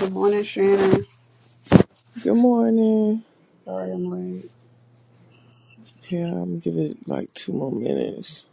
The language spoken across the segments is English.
Good morning, Shannon. Good morning. Sorry I'm late. Okay, I'm gonna give it like two more minutes.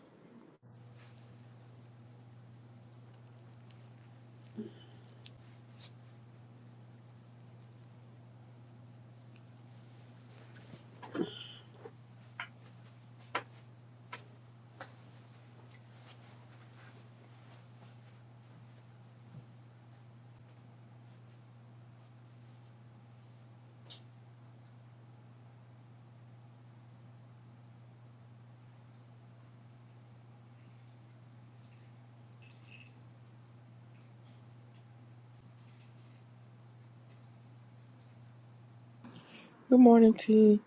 Good morning, T.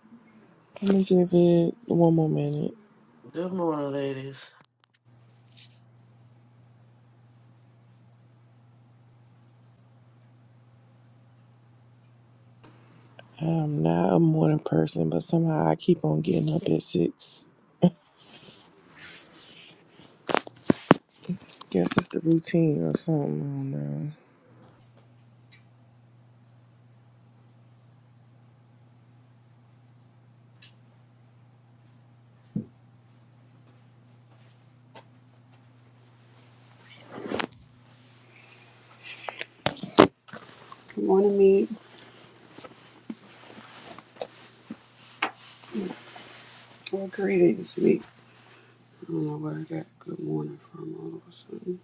I'm gonna give it one more minute. Good morning, ladies. I'm not a morning person, but somehow I keep on getting up at six. Guess it's the routine or something. I don't know. Good morning, Meat. Well, greetings, Meat. I don't know where I got good morning from all of a sudden.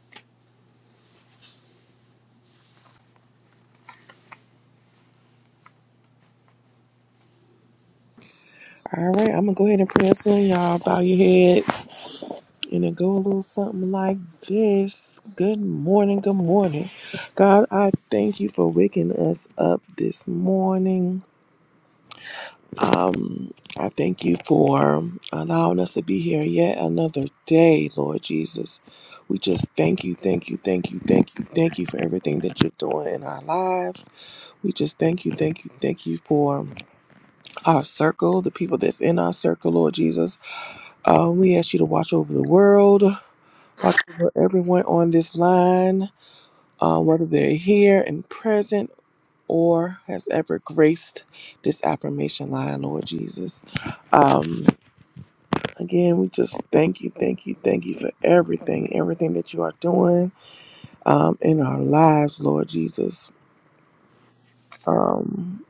All right, I'm gonna go ahead and pray us in, y'all. Bow your heads and it go a little something like this. Good morning, good morning. God, I thank you for waking us up this morning. Um, I thank you for allowing us to be here yet another day, Lord Jesus. We just thank you, thank you, thank you, thank you, thank you for everything that you're doing in our lives. We just thank you, thank you, thank you for our circle, the people that's in our circle, Lord Jesus. Um, we ask you to watch over the world, watch over everyone on this line, uh, whether they're here and present or has ever graced this affirmation line, Lord Jesus. Um, Again, we just thank you, thank you, thank you for everything, everything that you are doing um, in our lives, Lord Jesus. Um,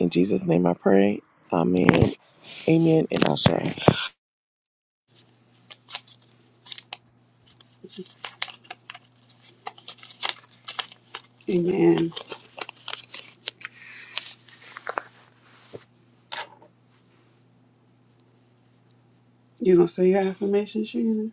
in Jesus' name I pray. Amen. Amen. And Ashe. Amen. You gonna say your affirmation, Shannon?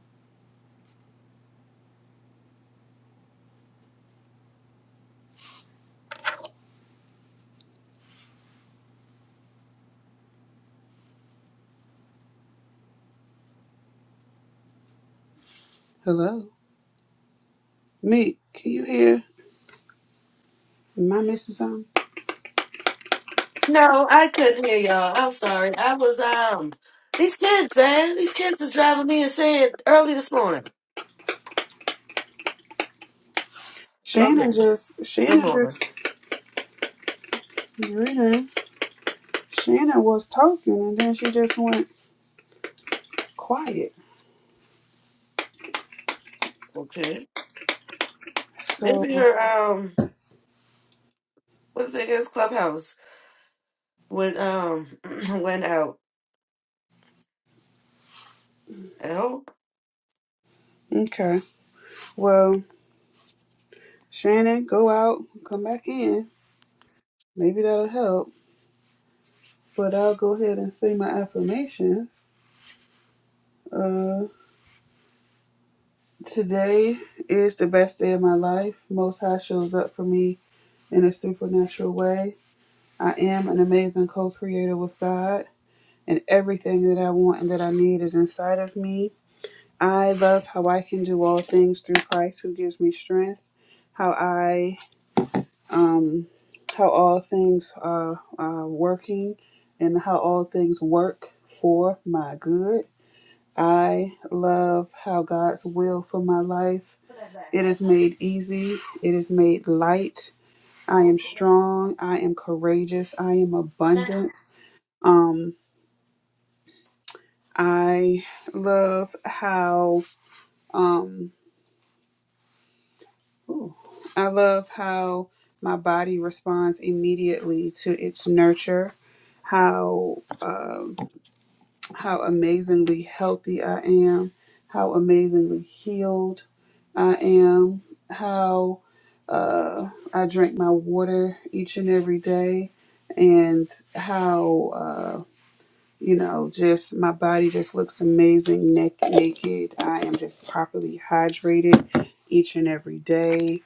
Hello? Meat, can you hear? Am I missing something? No, I couldn't hear y'all. I'm sorry. I was um these kids, man. These kids is driving me insane early this morning. Shannon Okay. just, Good Shannon morning. just, greeting. Shannon was talking and then she just went quiet. Okay. So, Maybe her um what the thing is clubhouse went um went out. I hope. okay. Well, Shannon, go out, come back in. Maybe that'll help. But I'll go ahead and say my affirmation. Uh, today is the best day of my life. Most High shows up for me in a supernatural way. I am an amazing co creator with God, and everything that I want and that I need is inside of me. I love how I can do all things through Christ who gives me strength, how I, um, how all things are, are working, and how all things work for my good. I love how God's will for my life It is made easy. It is made light. I am strong. I am courageous. I am abundant. Um, I love how um, ooh, I love how my body responds immediately to its nurture. How uh, how amazingly healthy I am, how amazingly healed I am, how uh, I drink my water each and every day, and how, uh, you know, just my body just looks amazing neck naked. I am just properly hydrated each and every day.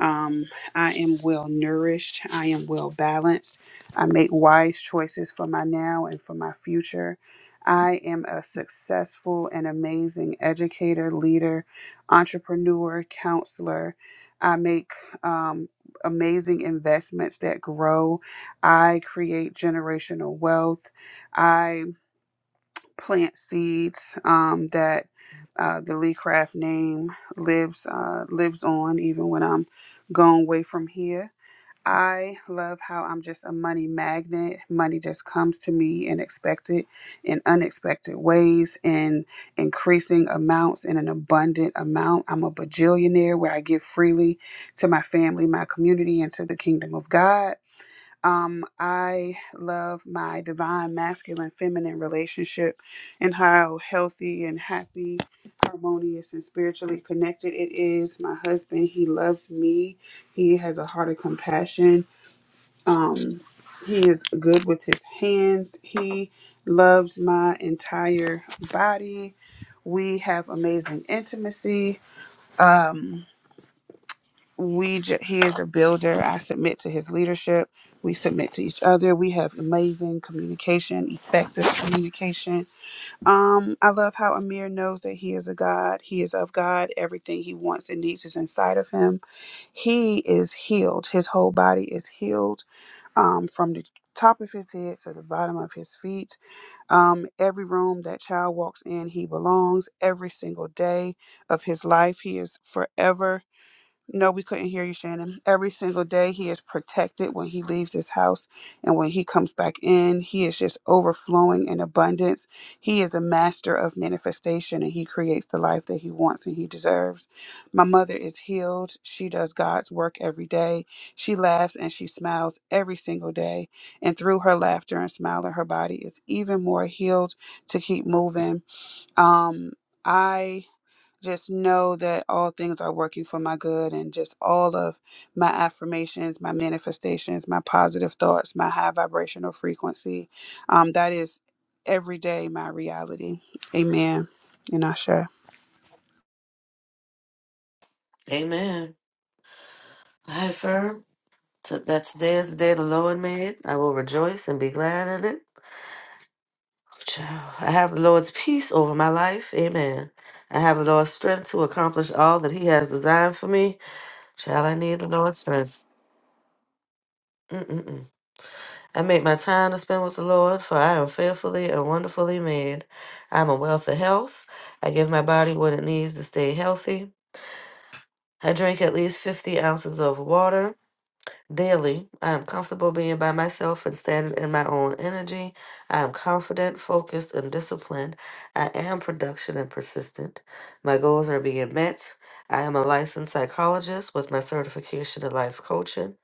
Um, I am well nourished. I am well balanced. I make wise choices for my now and for my future. I am a successful and amazing educator, leader, entrepreneur, counselor. I make um, amazing investments that grow. I create generational wealth. I plant seeds um, that uh, the Lee Craft name lives uh, lives on, even when I'm gone away from here. I love how I'm just a money magnet. Money just comes to me in expected in unexpected ways, in increasing amounts, in an abundant amount. I'm a bajillionaire where I give freely to my family, my community, and to the kingdom of God. Um, I love my divine masculine feminine relationship and how healthy and happy, harmonious, and spiritually connected it is. My husband, he loves me. He has a heart of compassion. Um, he is good with his hands. He loves my entire body. We have amazing intimacy we j- he is a builder i submit to his leadership we submit to each other we have amazing communication effective communication um i love how amir knows that he is a god he is of god everything he wants and needs is inside of him he is healed his whole body is healed um from the top of his head to the bottom of his feet um every room that child walks in he belongs every single day of his life he is forever no, we couldn't hear you, Shannon. Every single day, he is protected when he leaves his house. And when he comes back in, he is just overflowing in abundance. He is a master of manifestation and he creates the life that he wants and he deserves. My mother is healed. She does God's work every day. She laughs and she smiles every single day. And through her laughter and smiling, her body is even more healed to keep moving. Um, I just know that all things are working for my good and just all of my affirmations my manifestations my positive thoughts my high vibrational frequency um, that is every day my reality amen and i share Amen. I firm So that today is the day the Lord made. I will rejoice and be glad in it. Child, I have the Lord's peace over my life. Amen. I have the Lord's strength to accomplish all that He has designed for me. Shall I need the Lord's strength? Mm-mm-mm. I make my time to spend with the Lord, for I am fearfully and wonderfully made. I am a wealth of health. I give my body what it needs to stay healthy. I drink at least 50 ounces of water. Daily, I am comfortable being by myself and standing in my own energy. I am confident, focused, and disciplined. I am production and persistent. My goals are being met. I am a licensed psychologist with my certification in life coaching.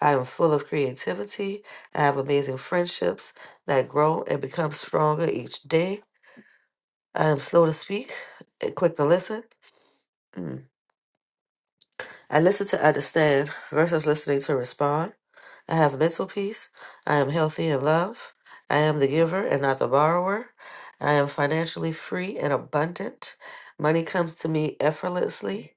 I am full of creativity. I have amazing friendships that grow and become stronger each day. I am slow to speak and quick to listen. Mm. I listen to understand versus listening to respond. I have mental peace. I am healthy in love. I am the giver and not the borrower. I am financially free and abundant. Money comes to me effortlessly.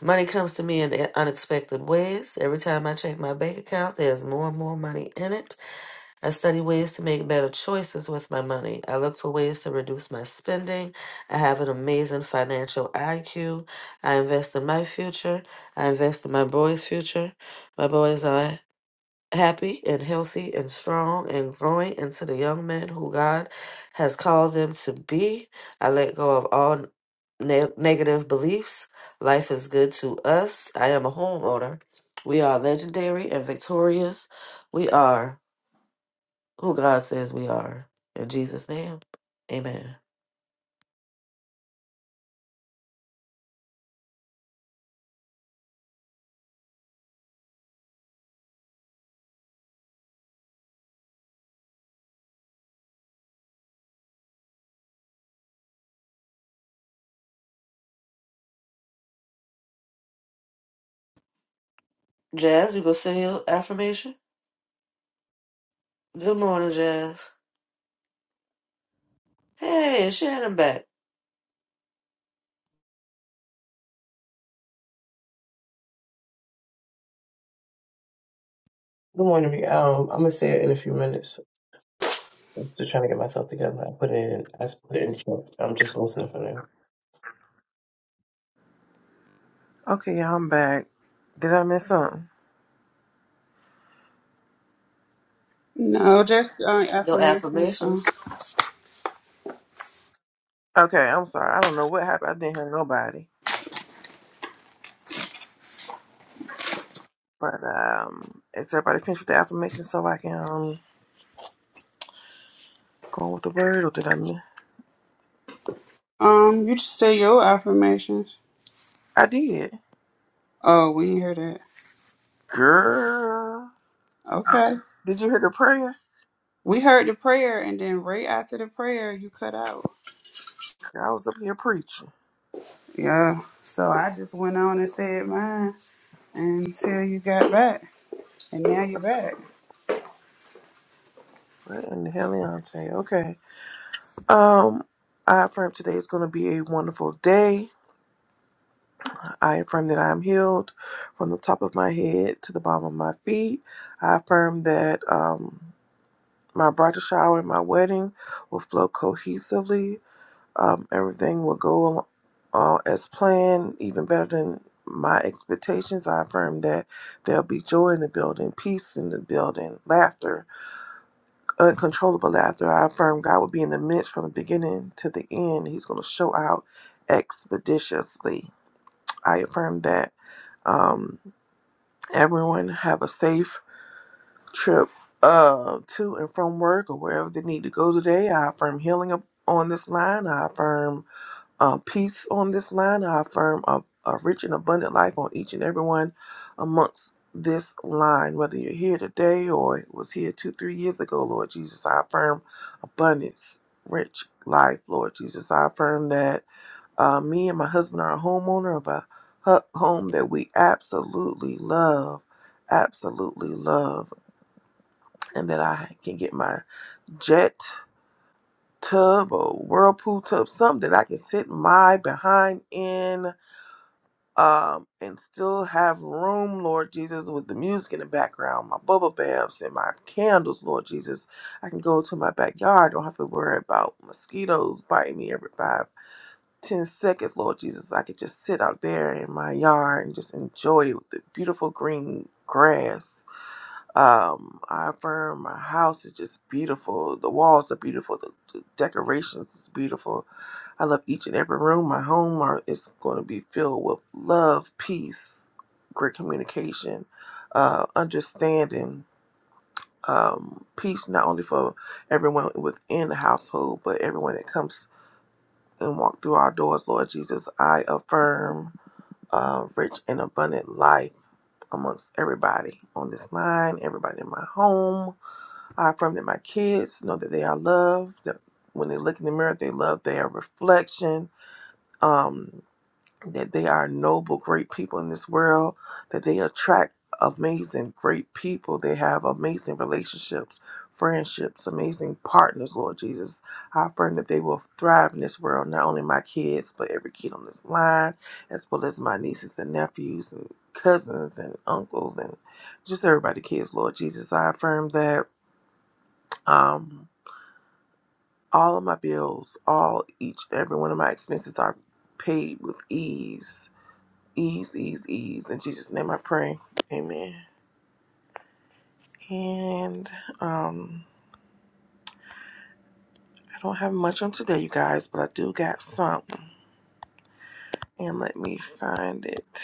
Money comes to me in unexpected ways. Every time I check my bank account, there's more and more money in it. I study ways to make better choices with my money. I look for ways to reduce my spending. I have an amazing financial IQ. I invest in my future. I invest in my boys' future. My boys are happy and healthy and strong and growing into the young men who God has called them to be. I let go of all ne- negative beliefs. Life is good to us. I am a homeowner. We are legendary and victorious. We are who God says we are. In Jesus' name, amen. Jazz, you go say your affirmation? Good morning, Jazz. Hey, it's Shannon back. Good morning. Rhea. Um, I'm gonna say it in a few minutes. I'm still trying to get myself together. I put it in. I just put it in. Check. I'm just listening for now. Okay, y'all, I'm back. Did I miss something? no just uh, Your affirmations uh, affirmations. Okay, I'm sorry. I don't know what happened. I didn't hear nobody. But um, is everybody finished with the affirmation so I can um, go on with the word? Or did I miss? um you just say your affirmations I did. oh we didn't hear that Girl. okay Did you hear the prayer? we heard the prayer and then right after the prayer you cut out I was up here preaching. yeah so i just went on and said mine until you got back And now you're back. What in the hell, Leontay? Okay. Um, I affirm today is going to be a wonderful day. I affirm that I am healed from the top of my head to the bottom of my feet. I affirm that um, my bridal shower and my wedding will flow cohesively. Um, everything will go uh, as planned, even better than my expectations. I affirm that there'll be joy in the building, peace in the building, laughter uncontrollable laughter. I affirm God will be in the midst from the beginning to the end. He's going to show out expeditiously. I affirm that um, everyone have a safe trip uh, to and from work or wherever they need to go today. I affirm healing up on this line. I affirm uh, peace on this line. I affirm a, a rich and abundant life on each and every one amongst this line. Whether you're here today or was here two, three years ago, Lord Jesus, I affirm abundance, rich life, Lord Jesus. I affirm that uh, me and my husband are a homeowner of a hu- home that we absolutely love, absolutely love, and that I can get my jet tub or whirlpool tub, something that I can sit my behind in um, and still have room, Lord Jesus, with the music in the background, my bubble baths and my candles, Lord Jesus. I can go to my backyard. Don't have to worry about mosquitoes biting me every five, ten seconds, Lord Jesus. I could just sit out there in my yard and just enjoy the beautiful green grass um, I affirm my house is just beautiful. The walls are beautiful. The, the decorations is beautiful. I love each and every room. My home are, is going to be filled with love, peace, great communication, uh, understanding, um, peace not only for everyone within the household, but everyone that comes and walk through our doors. Lord Jesus, I affirm uh, rich and abundant life amongst everybody on this line, everybody in my home I affirm that my kids know that they are loved. That when they look in the mirror, they love their reflection. Um, that they are noble, great people in this world. That they attract amazing, great people. They have amazing relationships, friendships, amazing partners. Lord Jesus, I affirm that they will thrive in this world. Not only my kids, but every kid on this line, as well as my nieces and nephews and cousins and uncles and just everybody kids lord jesus i affirm that um All of my bills, all each and every one of my expenses are paid with ease. Ease, ease, ease. In Jesus' name I pray. Amen. And um I don't have much on today, you guys, but I do got something. And let me find it.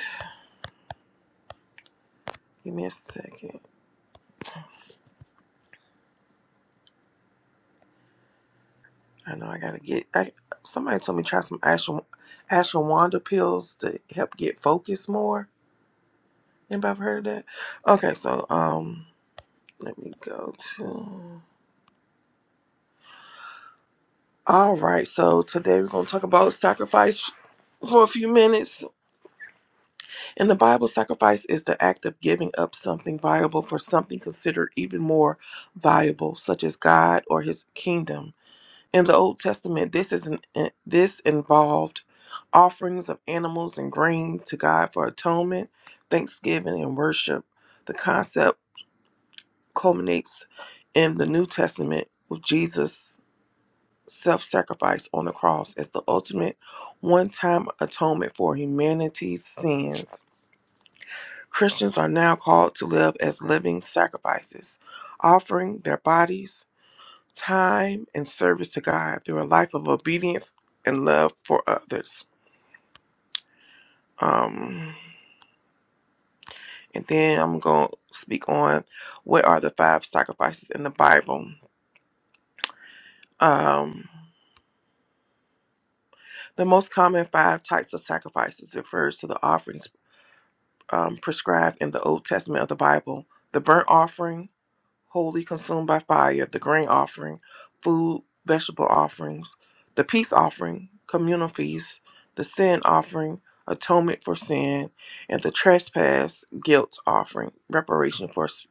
Give me a second. I know I gotta get I, somebody told me try some ashwa- ashwagandha pills to help get focused more. Anybody ever heard of that? Okay, so um let me go to All right, so today we're going to talk about sacrifice for a few minutes. In the Bible, sacrifice is the act of giving up something valuable for something considered even more valuable, such as God or his kingdom. In the Old Testament, this is an, eh, this involved offerings of animals and grain to God for atonement, thanksgiving, and worship. The concept culminates in the New Testament with Jesus self sacrifice on the cross as the ultimate one time atonement for humanity's sins. Christians are now called to live as living sacrifices, offering their bodies, time, and service to God through a life of obedience and love for others. Um, and then I'm going to speak on what are the five sacrifices in the Bible. Um, the most common five types of sacrifices refers to the offerings um, prescribed in the Old Testament of the Bible the burnt offering, wholly consumed by fire, the grain offering, food, vegetable offerings, the peace offering, communal feasts, the sin offering, atonement for sin, and the trespass guilt offering, reparation for s-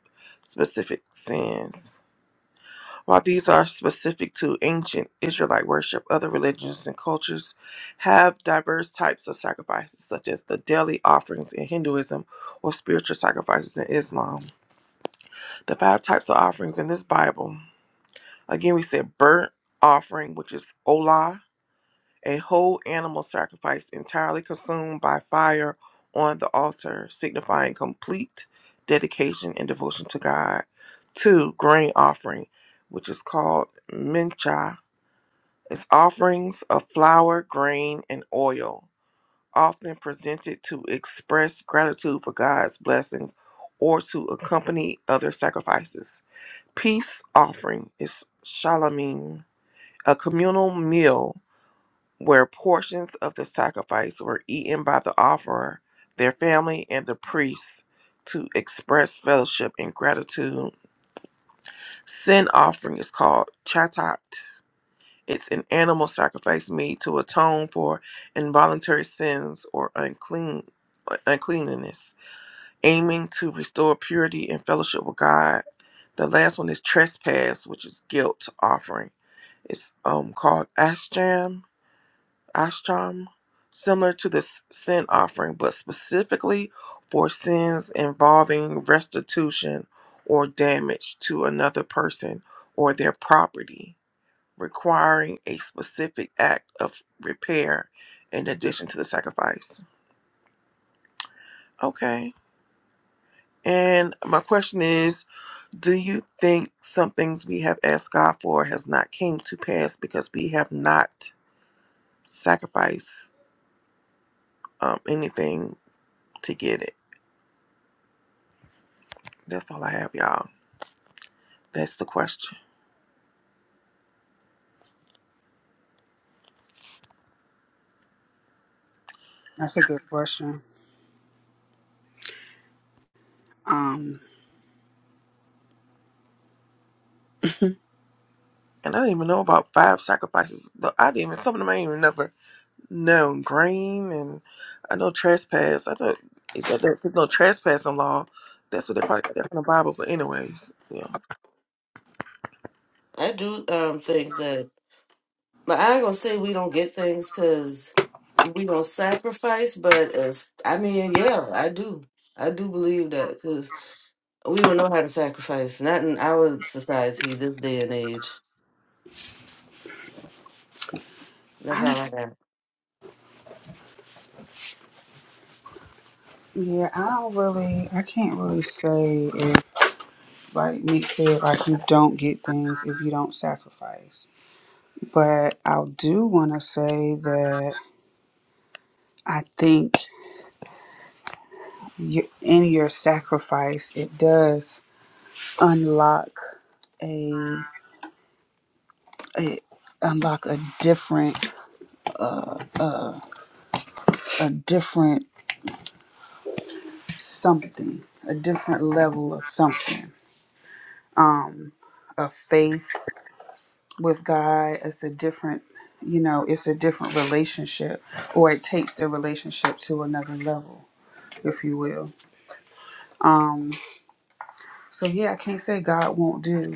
specific sins. While these are specific to ancient Israelite worship, other religions and cultures have diverse types of sacrifices, such as the daily offerings in Hinduism or spiritual sacrifices in Islam. The five types of offerings in this Bible again, we said burnt offering, which is olah, a whole animal sacrifice entirely consumed by fire on the altar, signifying complete dedication and devotion to God. Two, grain offering, which is called mincha it's offerings of flour, grain, and oil, often presented to express gratitude for God's blessings or to accompany other sacrifices. Peace offering is shalomim, a communal meal where portions of the sacrifice were eaten by the offerer, their family, and the priest to express fellowship and gratitude. Sin offering is called chatat It's an animal sacrifice made to atone for involuntary sins or unclean uh, uncleanliness, aiming to restore purity and fellowship with God. The last one is trespass, which is guilt offering. It's um called ashram, ashram, similar to the s- sin offering, but specifically for sins involving restitution or damage to another person or their property requiring a specific act of repair in addition to the sacrifice. Okay. And my question is, do you think some things we have asked God for has not came to pass because we have not sacrificed um, anything to get it? That's all I have, y'all. That's the question. That's a good question. Um, And I didn't even know about five sacrifices. The- I didn't even some of them I ain't even never. No, Green and I know trespass. I thought if that there- there's no trespassing law, that's what they probably got that from the Bible. But anyways, yeah, I do um think that. But I ain't gonna say we don't get things because we don't sacrifice. But if I mean, yeah, I do. I do believe that because we don't know how to sacrifice. Not in our society this day and age. That's I, all I got. yeah, I don't really, I can't really say if, like Nick said, like you don't get things if you don't sacrifice. But I do want to say that I think you, in your sacrifice, it does unlock a, it unlock a different, a different something, a different level of something, of faith with God, it's a different, you know, it's a different relationship, or it takes the relationship to another level, if you will. Um, so yeah, I can't say God won't do.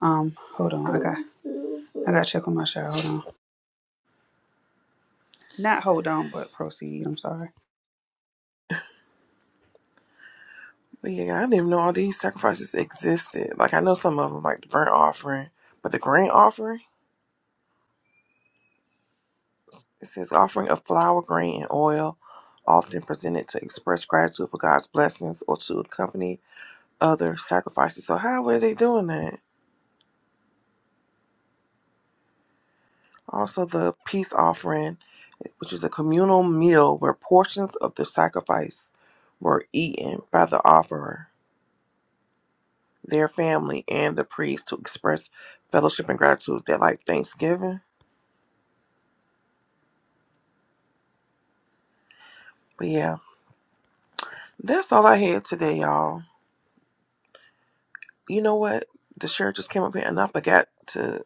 Um, hold on, I got, I got to check on my shower. Hold on, not hold on, but proceed. I'm sorry. but yeah, I didn't even know all these sacrifices existed. Like I know some of them, like the burnt offering, but the grain offering. It says offering of flour, grain, and oil, often presented to express gratitude for God's blessings or to accompany other sacrifices. So how were they doing that? Also, the peace offering, which is a communal meal where portions of the sacrifice were eaten by the offerer, their family, and the priest to express fellowship and gratitude. They're like Thanksgiving. But yeah, that's all I had today, y'all. You know what? The shirt just came up here and I forgot to,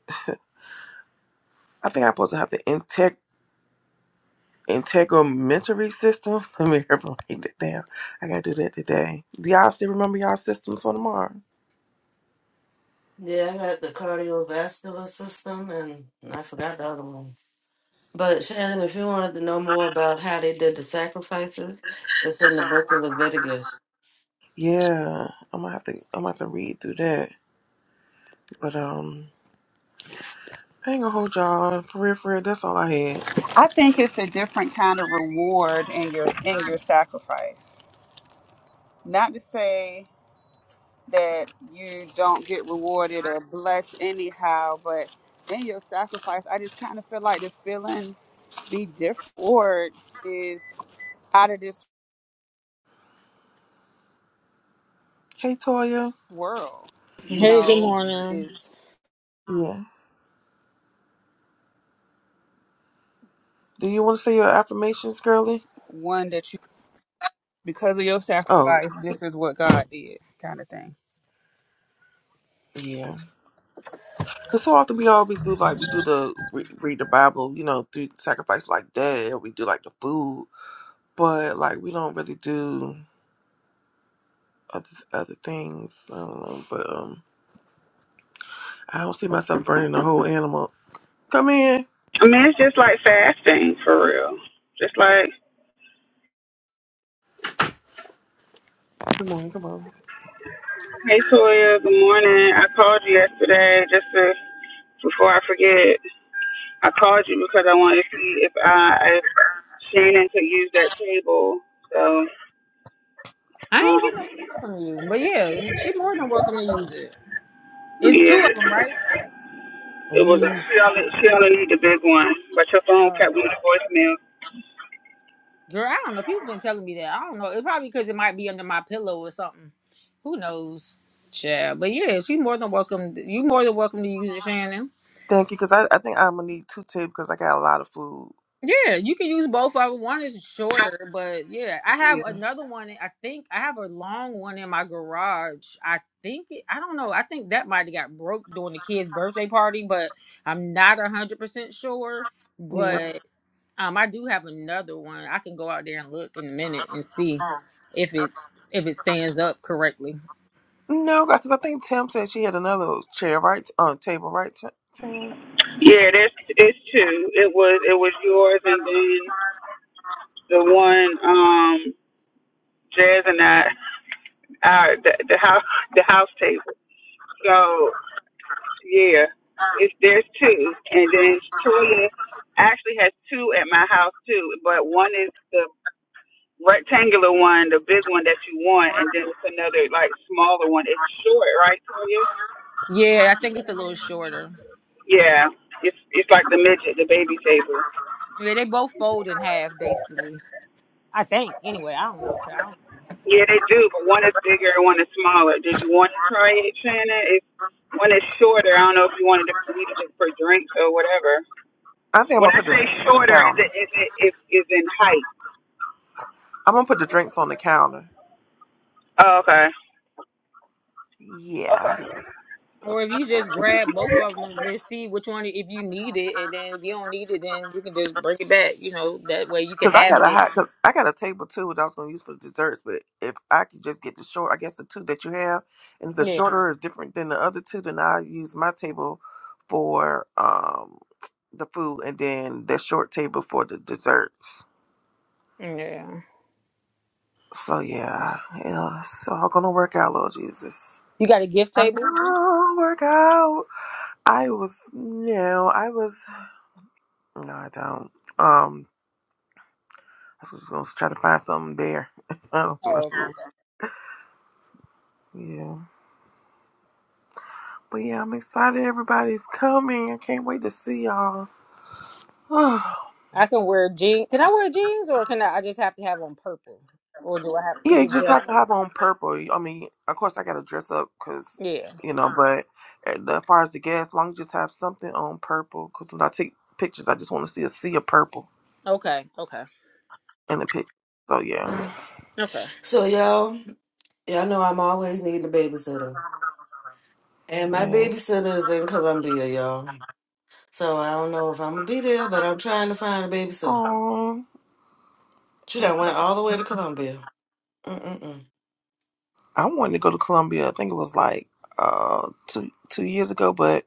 I think I'm supposed to have the integ- integumentary system. Let me remember write that down. I gotta do that today. Do y'all still remember y'all systems for tomorrow? Yeah, I got the cardiovascular system, and I forgot the other one. But Shannon, if you wanted to know more about how they did the sacrifices, it's in the book of Leviticus. Yeah, I'm gonna have to I'm gonna have to read through that. But um I ain't gonna hold y'all. For real, for real, that's all I had. I think it's a different kind of reward in your in your sacrifice. Not to say that you don't get rewarded or blessed anyhow, but then your sacrifice, I just kind of feel like the feeling be different or is out of this Hey Toya. world, you Hey, good know, morning. is Yeah. Do you wanna say your affirmations, girly? one that you, because of your Oh, sacrifice, this is what God did kind of thing. yeah. Cause so often we always do like we do the re- read the Bible, you know, through sacrifice like that, or we do like the food, but like we don't really do other other things. I don't know, but um, I don't see myself burning the whole animal. Come in. I mean, it's just like fasting for real. Just like, Come on. Come on. hey Toya, good morning. I called you yesterday just to before I forget. I called you because I wanted to see if I if Shannon could use that table. So I ain't um, getting no call from you, but yeah, she more than welcome to use it. It's yeah, two of them, right? it was a, Hey. she only she only need the big one, but your phone Oh, kept going to voicemail. girl, I don't know. People been telling me that. I don't know. It probably because it might be under my pillow or something. Who knows? Yeah, but yeah, she more than welcome. You more than welcome to use it, Shannon. Thank you, because I, I think I'm gonna need two tips because I got a lot of food. Yeah, you can use both of them. One is shorter, but yeah, I have Yeah, another one. I think I have a long one in my garage. I think it, I don't know. I think that might have got broke during the kid's birthday party, but I'm not a hundred percent sure. yeah. But um, I do have another one. I can go out there and look in a minute and see if it's if it stands up correctly. No, because I think Tim said she had another chair right on table, right? Ti- Tim, Yeah, there's it's two. It was it was yours and then the one um Jazz and I our the, the house the house table. So yeah, it's there's two, and then Toya actually has two at my house too, but one is the rectangular one, the big one that you want, and then it's another like smaller one. It's short, right, Toya? Yeah, I think it's a little shorter. Yeah. It's it's like the midget, the baby table. Yeah, they both fold in half basically. I think. Anyway, I don't know. child. Yeah, they do, but one is bigger and one is smaller. Did you want to try it, Shannon? It's one is shorter. I don't know if you wanted to use it for drinks or whatever. I think I'm When gonna I put the say drinks on the shorter, is it counter. is it is is in height? I'm gonna put the drinks on the counter. Oh, okay. Yeah, Or if you just grab both of them, let's see which one if you need it, and then if you don't need it, then you can just bring it back. You know, that way you can because I have it. got a If hot, cause I got a table too that I was gonna use for the desserts. But if I could just get the short, I guess the two that you have, and if the yeah, shorter is different than the other two, then I'll use my table for um the food, and then the short table for the desserts. yeah. So yeah, yeah, it's all gonna work out, Lord Jesus. You got a gift table? Oh, work out. I was no, I was no, I don't. Um, I was just gonna try to find something there. I don't know. Oh, okay. Yeah, but yeah, I'm excited. Everybody's coming. I can't wait to see y'all. yeah, I can wear jeans. Can I wear jeans, or can I? I just have to have on purple, or do I have? Is you it just have to dressy? have on purple. I mean, of course, I gotta dress up because Yeah. you know. But as far as the gas, as long as you just have something on purple. Because when I take pictures, I just want to see a sea of purple. Okay. Okay. in the picture. So yeah, Okay. So y'all, y'all know I'm always needing a babysitter, and my yes. babysitter is in Colombia, y'all. So I don't know if I'm gonna be there, but I'm trying to find a babysitter. Oh, She done went all the way to Columbia. Mm-mm-mm. I wanted to go to Columbia. I think it was like uh two two years ago, but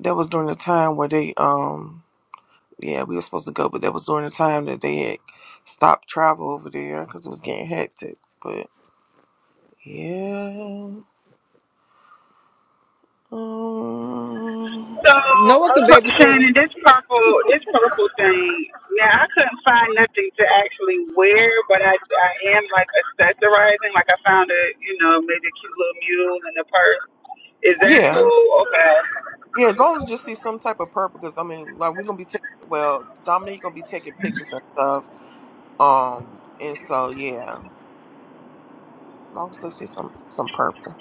that was during the time where they um yeah we were supposed to go, but that was during the time that they had stopped travel over there because it was getting hectic. But yeah, um, So, No one can P- babysit Shannon, them. this purple, this purple thing. Now, I couldn't find nothing to actually wear, but I, I am like accessorizing. Like I found a, you know, maybe a cute little mule in the purse. Is that yeah, cool? Okay, yeah. As long as you see some type of purpose, because I mean, like we're gonna be taking well, Dominique gonna be taking pictures and stuff. Um, and so yeah. long as they see some some purple.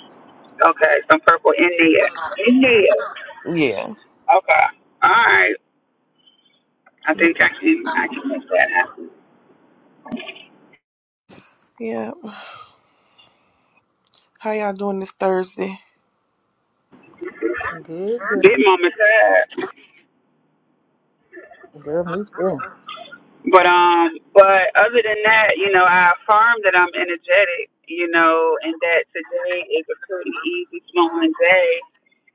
okay, some purple in there, in there. Yeah. Okay, all right. I Yeah. think I can, I can make that happen. yeah. How y'all doing this Thursday? Good. Good. Bit mama Girl, me too. But um, but other than that, you know, I affirm that I'm energetic, you know, and that today is a pretty easy flowing day.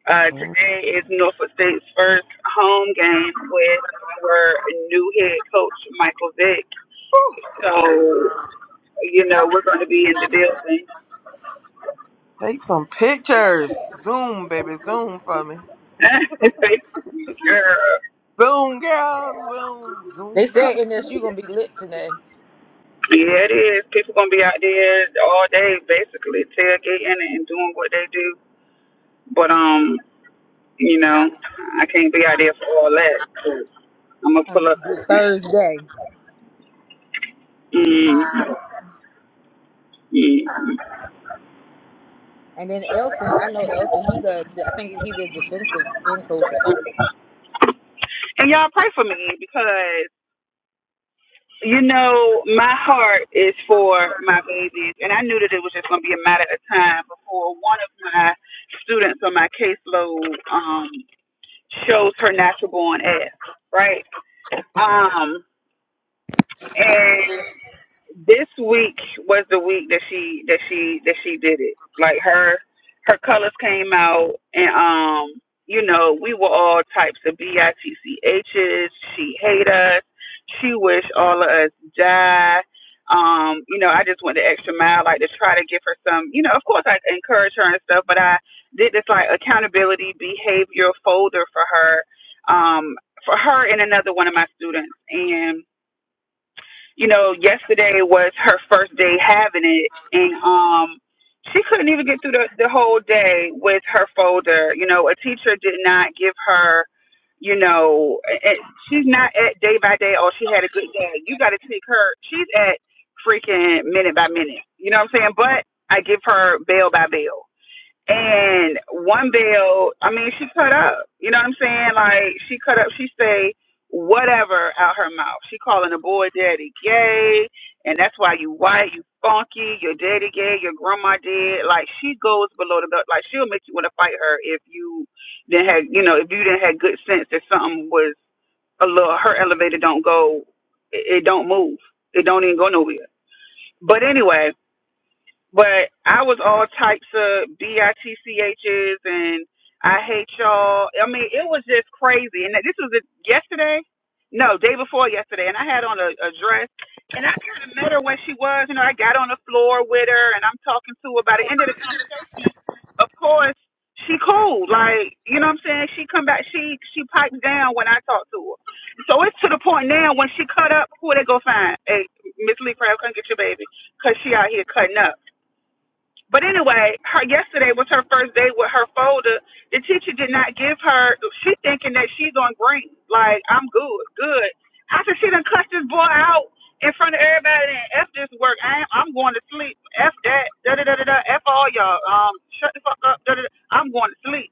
Uh, And, today is Norfolk State's first home game with our new head coach Michael Vick. whew, So, you know, we're going to be in the building. take some pictures. Zoom, baby. Zoom for me. Girl, Zoom, girl. Zoom. They Zoom. Zoom. said in this you are gonna be lit today yeah, it is. People gonna be out there all day, basically tailgating and doing what they do. But um, you know, I can't be out there for all that. I'm gonna on pull this up. good Thursday. Mm, mm, mm. And then Elton, I know Elton. He the I think he the defensive end coach or something. And y'all pray for me because you know my heart is for my babies, and I knew that it was just gonna be a matter of time before one of my students on my caseload um, shows her natural born ass, right? Um, and this week was the week that she that she that she did it. Like her her colors came out and um you know, we were all types of b i t c BITCHs. She hate us. She wish all of us die. Um, you know, I just went the extra mile, like to try to give her some, you know, of course I encourage her and stuff, but I did this like accountability behavioral folder for her, um, for her and another one of my students. and you know, yesterday was her first day having it, and um, she couldn't even get through the, the whole day with her folder. You know, a teacher did not give her, you know, a- a- she's not at day by day. Oh, she had a good day. You got to take her. She's at freaking minute by minute. You know what I'm saying? But I give her bail by bail. And one bill, I mean, she cut up. You know what I'm saying? Like she cut up. She say whatever out her mouth. She calling the boy daddy gay, and that's why you white, you funky, your daddy gay, your grandma dead. Like she goes below the belt. Like she'll make you want to fight her if you then had, you know, if you didn't had good sense that something was a little. Her elevator don't go. It, it don't move. It don't even go nowhere. But anyway, but I was all types of bitchs and I hate y'all. I mean, it was just crazy. And this was it yesterday, no, day before yesterday. And I had on a, a dress, and I kind of met her where she was. You know, I got on the floor with her, and I'm talking to her. By the end of the conversation, of course, she cool. Like, you know what I'm saying? She come back. She she pipes down when I talk to her. So it's to the point now when she cut up, who they go find? Hey, Miss Lee Crab, come get your baby, 'cause she out here cutting up. But anyway, her yesterday was her first day with her folder. The teacher did not give her. She thinking that she's on green, like I'm good, good. After she done cussed this boy out in front of everybody and f this work, I am, I'm going to sleep. F that, da da da da da. F all y'all. Um, shut the fuck up. Da, da, da. I'm going to sleep.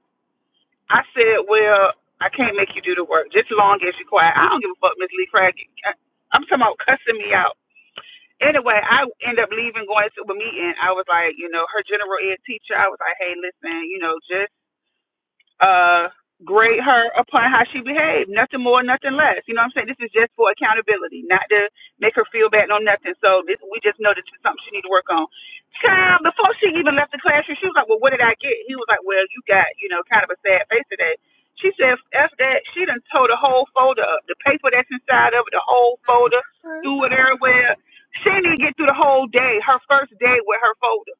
I said, well, I can't make you do the work. Just long as you quiet. I don't give a fuck, Miss Lee Craig. I- I'm talking about cussing me out. Anyway, I end up leaving, going to a meeting. I was like, you know, her general ed teacher. I was like, hey, listen, you know, just uh, grade her upon how she behaved. Nothing more, nothing less. You know what I'm saying? This is just for accountability, not to make her feel bad, no nothing. So this, we just know this is something she need to work on. Child, before she even left the classroom, she was like, "Well, what did I get?" He was like, "Well, you got, you know, kind of a sad face today." She said, "F that." She done tore the whole folder up, the paper that's inside of it, the whole folder, threw What? it everywhere. She didn't even get through the whole day, her first day with her folder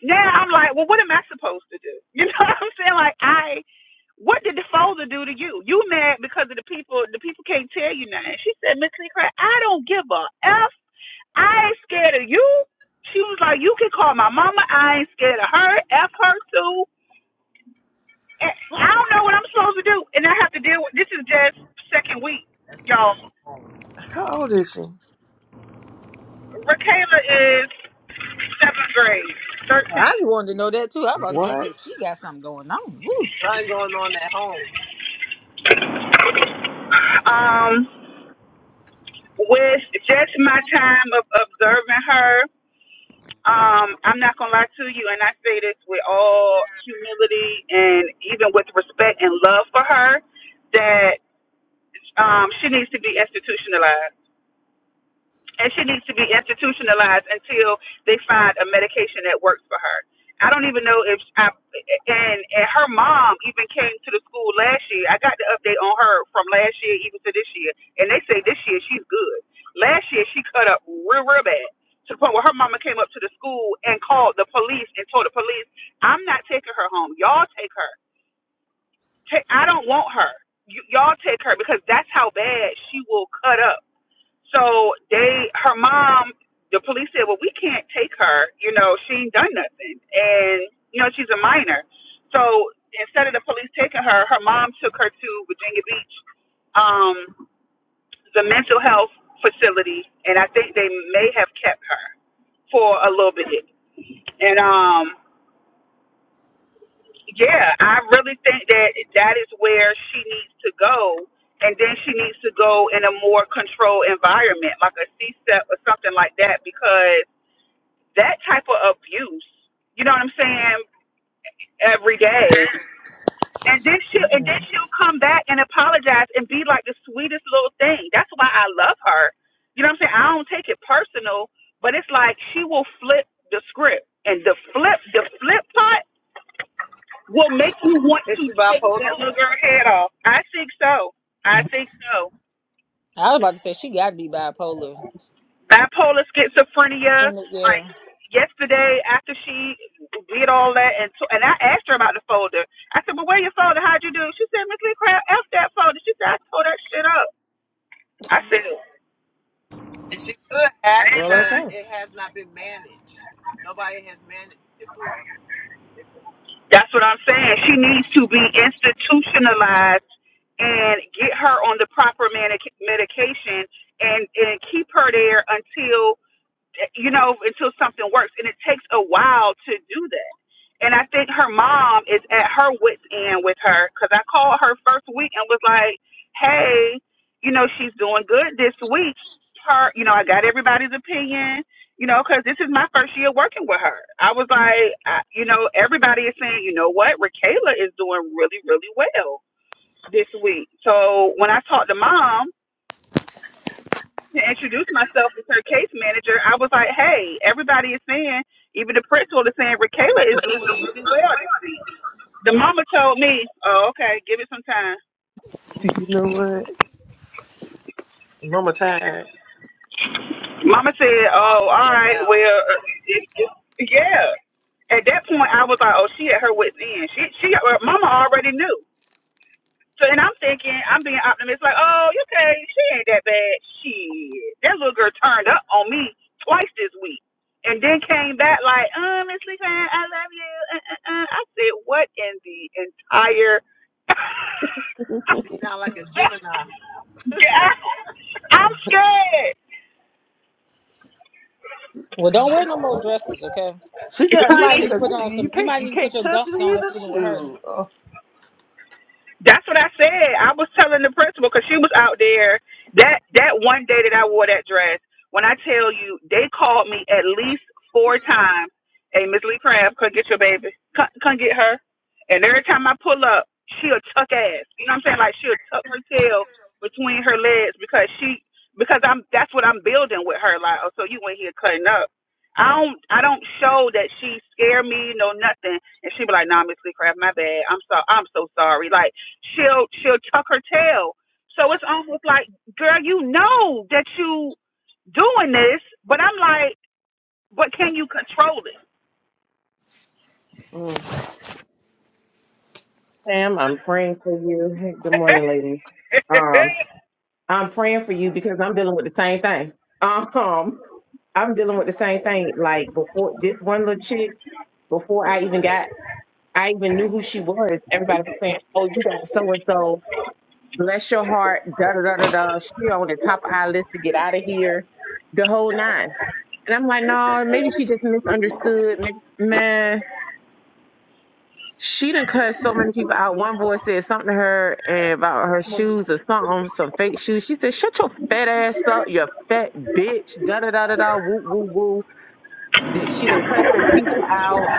now I'm like, well, what am I supposed to do? You know what I'm saying? Like, I what did the folder do to you? You mad because of the people? The people can't tell you nothing. She said, Miss Lee Craig, I don't give a f. I ain't scared of you. She was like, you can call my mama. I ain't scared of her. F her too. And I don't know what I'm supposed to do, and I have to deal with. This is just second week, That's y'all. stemming from home. How old is she? Rakayla is seventh grade, I thirteen. just wanted to know that too. I was about to say What? that she got something going on. Woo. Something going on at home. Um, with just my time of observing her. Um, I'm not gonna lie to you, and I say this with all humility and even with respect and love for her, that um, she needs to be institutionalized and she needs to be institutionalized until they find a medication that works for her. I don't even know if I, and and her mom even came to the school last year. I got the update on her from last year even to this year, and they say this year she's good. Last year she cut up real real bad to the point where her mama came up to the school and called the police and told the police, "I'm not taking her home. Y'all take her. Take, I don't want her. You, y'all take her because that's how bad she will cut up." So they, her mom, the police said, well, we can't take her. You know, she ain't done nothing, and you know she's a minor. So instead of the police taking her, her mom took her to Virginia Beach, um, the mental health facility, and I think they may have kept her for a little bit. And um, yeah, I really think that that is where she needs to go. And then she needs to go in a more controlled environment, like a C-step or something like that, because that type of abuse. You know what I'm saying? Every day, and then she will and then See, she'll come back and apologize and be like the sweetest little thing. That's why I love her. You know what I'm saying? I don't take it personal, but it's like she will flip the script, and the flip the flip part will make you want to Is she take that bipolar? little girl head off. I think so. I think so. I was about to say she got to be bipolar. bipolar schizophrenia. Friend of- Like Yeah. yesterday, after she did all that, and t- and I asked her about the folder. I said, "But where your folder? How'd you do?" it?" She said, "Miss Lee Crab, f that folder." She said, "I tore that shit up." I said, And she could "I have it, ain't Well, but lying." okay. it has not been managed. Nobody has managed it for her. That's what I'm saying. She needs to be institutionalized and get her on the proper medic- medication and and keep her there until you know until something works. And it takes a while to do that And I think her mom is at her wits end with her because I called her first week and was like, "Hey, you know she's doing good this week. Her, you know, I got everybody's opinion, you know, because this is my first year working with her. I was like, I, you know, everybody is saying, you know what, Rakayla is doing really, really well this week. So when I talked to mom to introduce myself as her case manager, I was like, hey, everybody is saying, even the principal is saying, Rakayla is doing really well this week. The mama told me, oh, okay, give it some time. you know what? Mama tired. Mama said, oh, Mom and all checked right, out. well, it, it, yeah. At that point, I was like, oh, she at her wit's end. She, she, uh, mama already knew. So, and I'm thinking, I'm being optimistic, like, oh, you okay, she ain't that bad. Shit, that little girl turned up on me twice this week. And then came back like, uh, Miss Lee, I love you. Uh, uh, uh. I said, what in the entire... She sound like a Gemini. yeah, I'm scared. Well, don't wear no more dresses, okay? She got You me might Honey, need to scared. put You, on you some. You can't might you need to put can't your touch it dunks on, either. fooling with her. Shoot. Oh. That's what I said. I was telling the principal because she was out there that that one day that I wore that dress. When I tell you, they called me at least four times. Hey, Miss Lee Crab, come get your baby. Come, come get her. And every time I pull up, she'll tuck ass. You know what I'm saying? Like she'll tuck her tail between her legs because she because I'm that's what I'm building with her. Like, oh, so you went here cutting up. I don't I don't show that she scare me no nothing. And she be like, Nah, Miss Lee Crab, my bad. I'm so I'm so sorry. Like she'll she'll tuck her tail. So it's almost like, girl, you know that you doing this, but I'm like, but can you control mm. Sam, I'm praying for you. Hey, good morning, lady. it? Um, I'm praying for you because I'm dealing with the same thing. Um, I'm dealing with the same thing. Like before this one little chick, before I even got I even knew who she was, everybody was saying, Oh, you got so and so Bless your heart. Da da da da da. She on the top of our list to get out of here. The whole nine. And I'm like, no, maybe she just misunderstood. Maybe, man, she done cut so many people out. One boy said something to her and about her shoes or something, some fake shoes. She said, shut your fat ass up, you fat bitch. Da da da da da. Woo woo woo. That She done cussed her teacher out.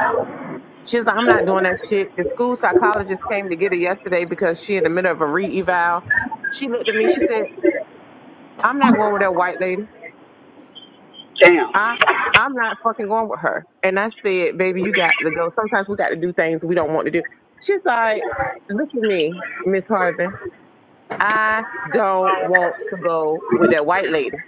She's like, I'm not doing that shit. The school psychologist came to get her yesterday because she in the middle of a re-eval. She looked at me. She said. I'm not going with that white lady. Damn. I I'm not fucking going with her. And I said, baby, you got to go. Sometimes we got to do things we don't want to do. She's like, look at me, Miss Harvey. I don't want to go with that white lady.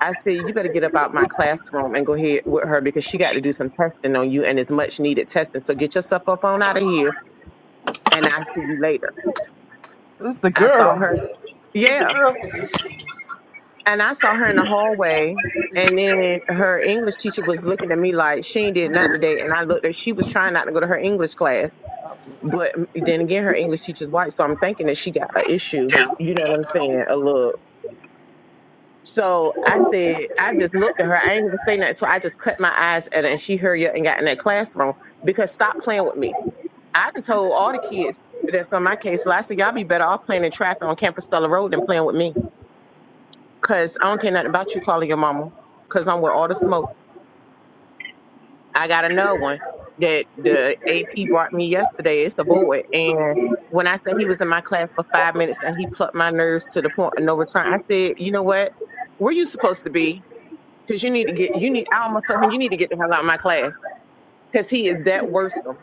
I said, you better get up out my classroom and go ahead with her because she got to do some testing on you and it's much needed testing. So get yourself up on out of here and I'll see you later. It's the I saw her. girls. It's the Yeah. girls with issues. and I saw her in the hallway. And then her English teacher was looking at me like she ain't did nothing today. And I looked at she was trying not to go to her English class. But then again, her English teacher's white, so I'm thinking that she got an issue. You know what I'm saying? A look. So I said, I just looked at her. I ain't gonna say nothing. So I just cut my eyes at her, and she hurried up and got in that classroom because stop playing with me. I done told all the kids that's on my case. So I said, y'all be better off playing in traffic on Campus Stella Road than playing with me. Cause I don't care nothing about you calling your mama. Cause I'm with all the smoke. I got another one that the AP brought me yesterday. It's a boy. And when I said he was in my class for five minutes and he plucked my nerves to the point of no return, I said, you know what? Where you supposed to be? Cause you need to get, you need, I almost told him, you need to get the hell out of my class. Cause he is that worrisome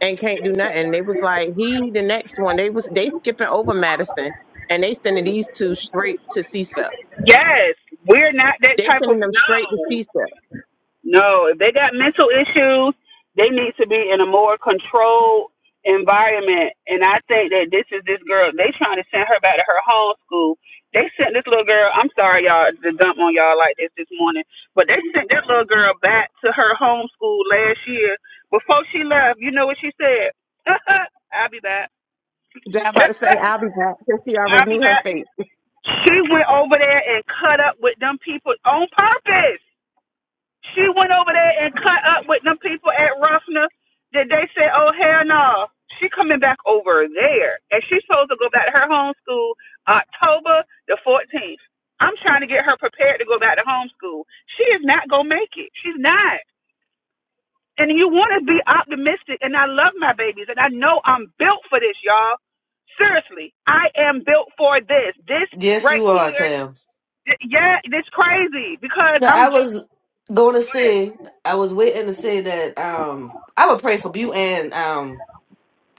and can't do nothing. They was like, he the next one. They was, they skipping over Madison and they sending these two straight to CSEP. Yes, we're not that They type of sending them straight to no. CSEP. No, if they got mental issues, they need to be in a more controlled environment. And I think that this is this girl. They trying to send her back to her home school. They sent this little girl. I'm sorry, y'all, to dump on y'all like this this morning, but they sent that little girl back to her home school last year. Before she left, you know what she said? I'll be back. I'm about to say I'll be back because she already I'll be knew her back. fate. She went over there and cut up with them people on purpose. She went over there and cut up with them people at Ruffner. That they said, "Oh hell no, she coming back over there, and she's supposed to go back to her homeschool October the 14th." I'm trying to get her prepared to go back to homeschool. She is not gonna make it. She's not. And you want to be optimistic, and I love my babies, and I know I'm built for this, y'all. Seriously, I am built for this. This Yes, right you are, here, Tam. th- yeah, it's crazy because Now I'm I just. was going to Go ahead. say, I was waiting to say that um, I would pray for Butte and um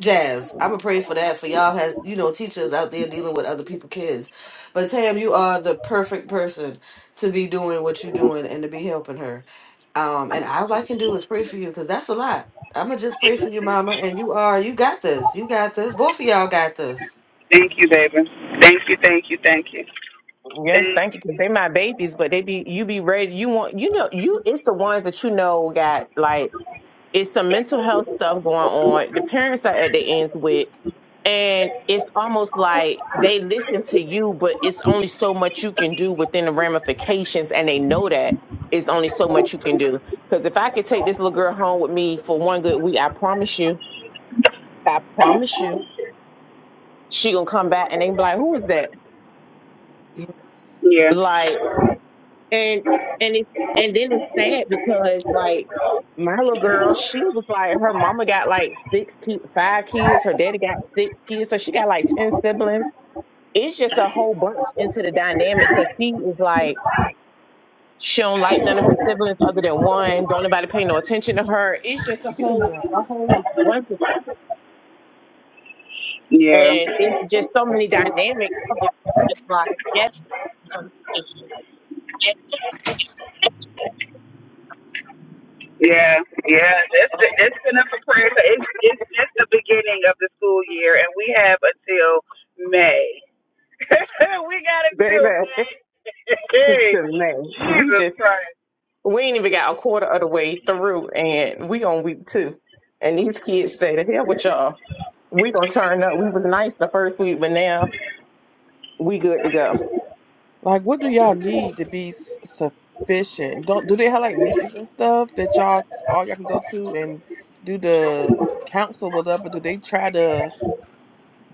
Jazz, I'm gonna pray for that for y'all has you know teachers out there dealing with other people's kids. But Tam, you are the perfect person to be doing what you're doing and to be helping her. Um, and all I can do is pray for you because that's a lot. I'm gonna just pray for your mama, and you are you got this, you got this. Both of y'all got this. Thank you, baby. Thank you, thank you, thank you. Yes, Thank thank you. Because they my babies, but they be you be ready. You want you know you it's the ones that you know got like it's some mental health stuff going on. The parents are at the ends with, and it's almost like they listen to you, but it's only so much you can do within the ramifications, and they know that it's only so much you can do. Because if I could take this little girl home with me for one good week, I promise you, I promise you, she gonna come back and they be like, "Who is that?" Yeah, yeah, Like. And and it's and then it's sad because like my little girl, she was like her mama got like six ki- five kids, her daddy got six kids, so she got like ten siblings. It's just a whole bunch into the dynamic. So she is like she don't like none of her siblings other than one. Don't nobody pay no attention to her. It's just a get them whole a jobs. whole bunch of stuff. yeah, And it's just so many dynamics. that It's just like yes, yeah, yeah. That's the, that's enough for prayer. So it's it's just the beginning of the school year, and we have until May. we got baby. until it's May. a mess. We Jesus just. Christ. We ain't even got a quarter of the way through, and we on week two. And these kids say, "To hell with y'all. We gonna turn up. We was nice the first week, but now we good to go." Like, what do y'all need to be s- sufficient? Don't do they have like meetings and stuff that y'all all y'all can go to and do the council with up, or do they try to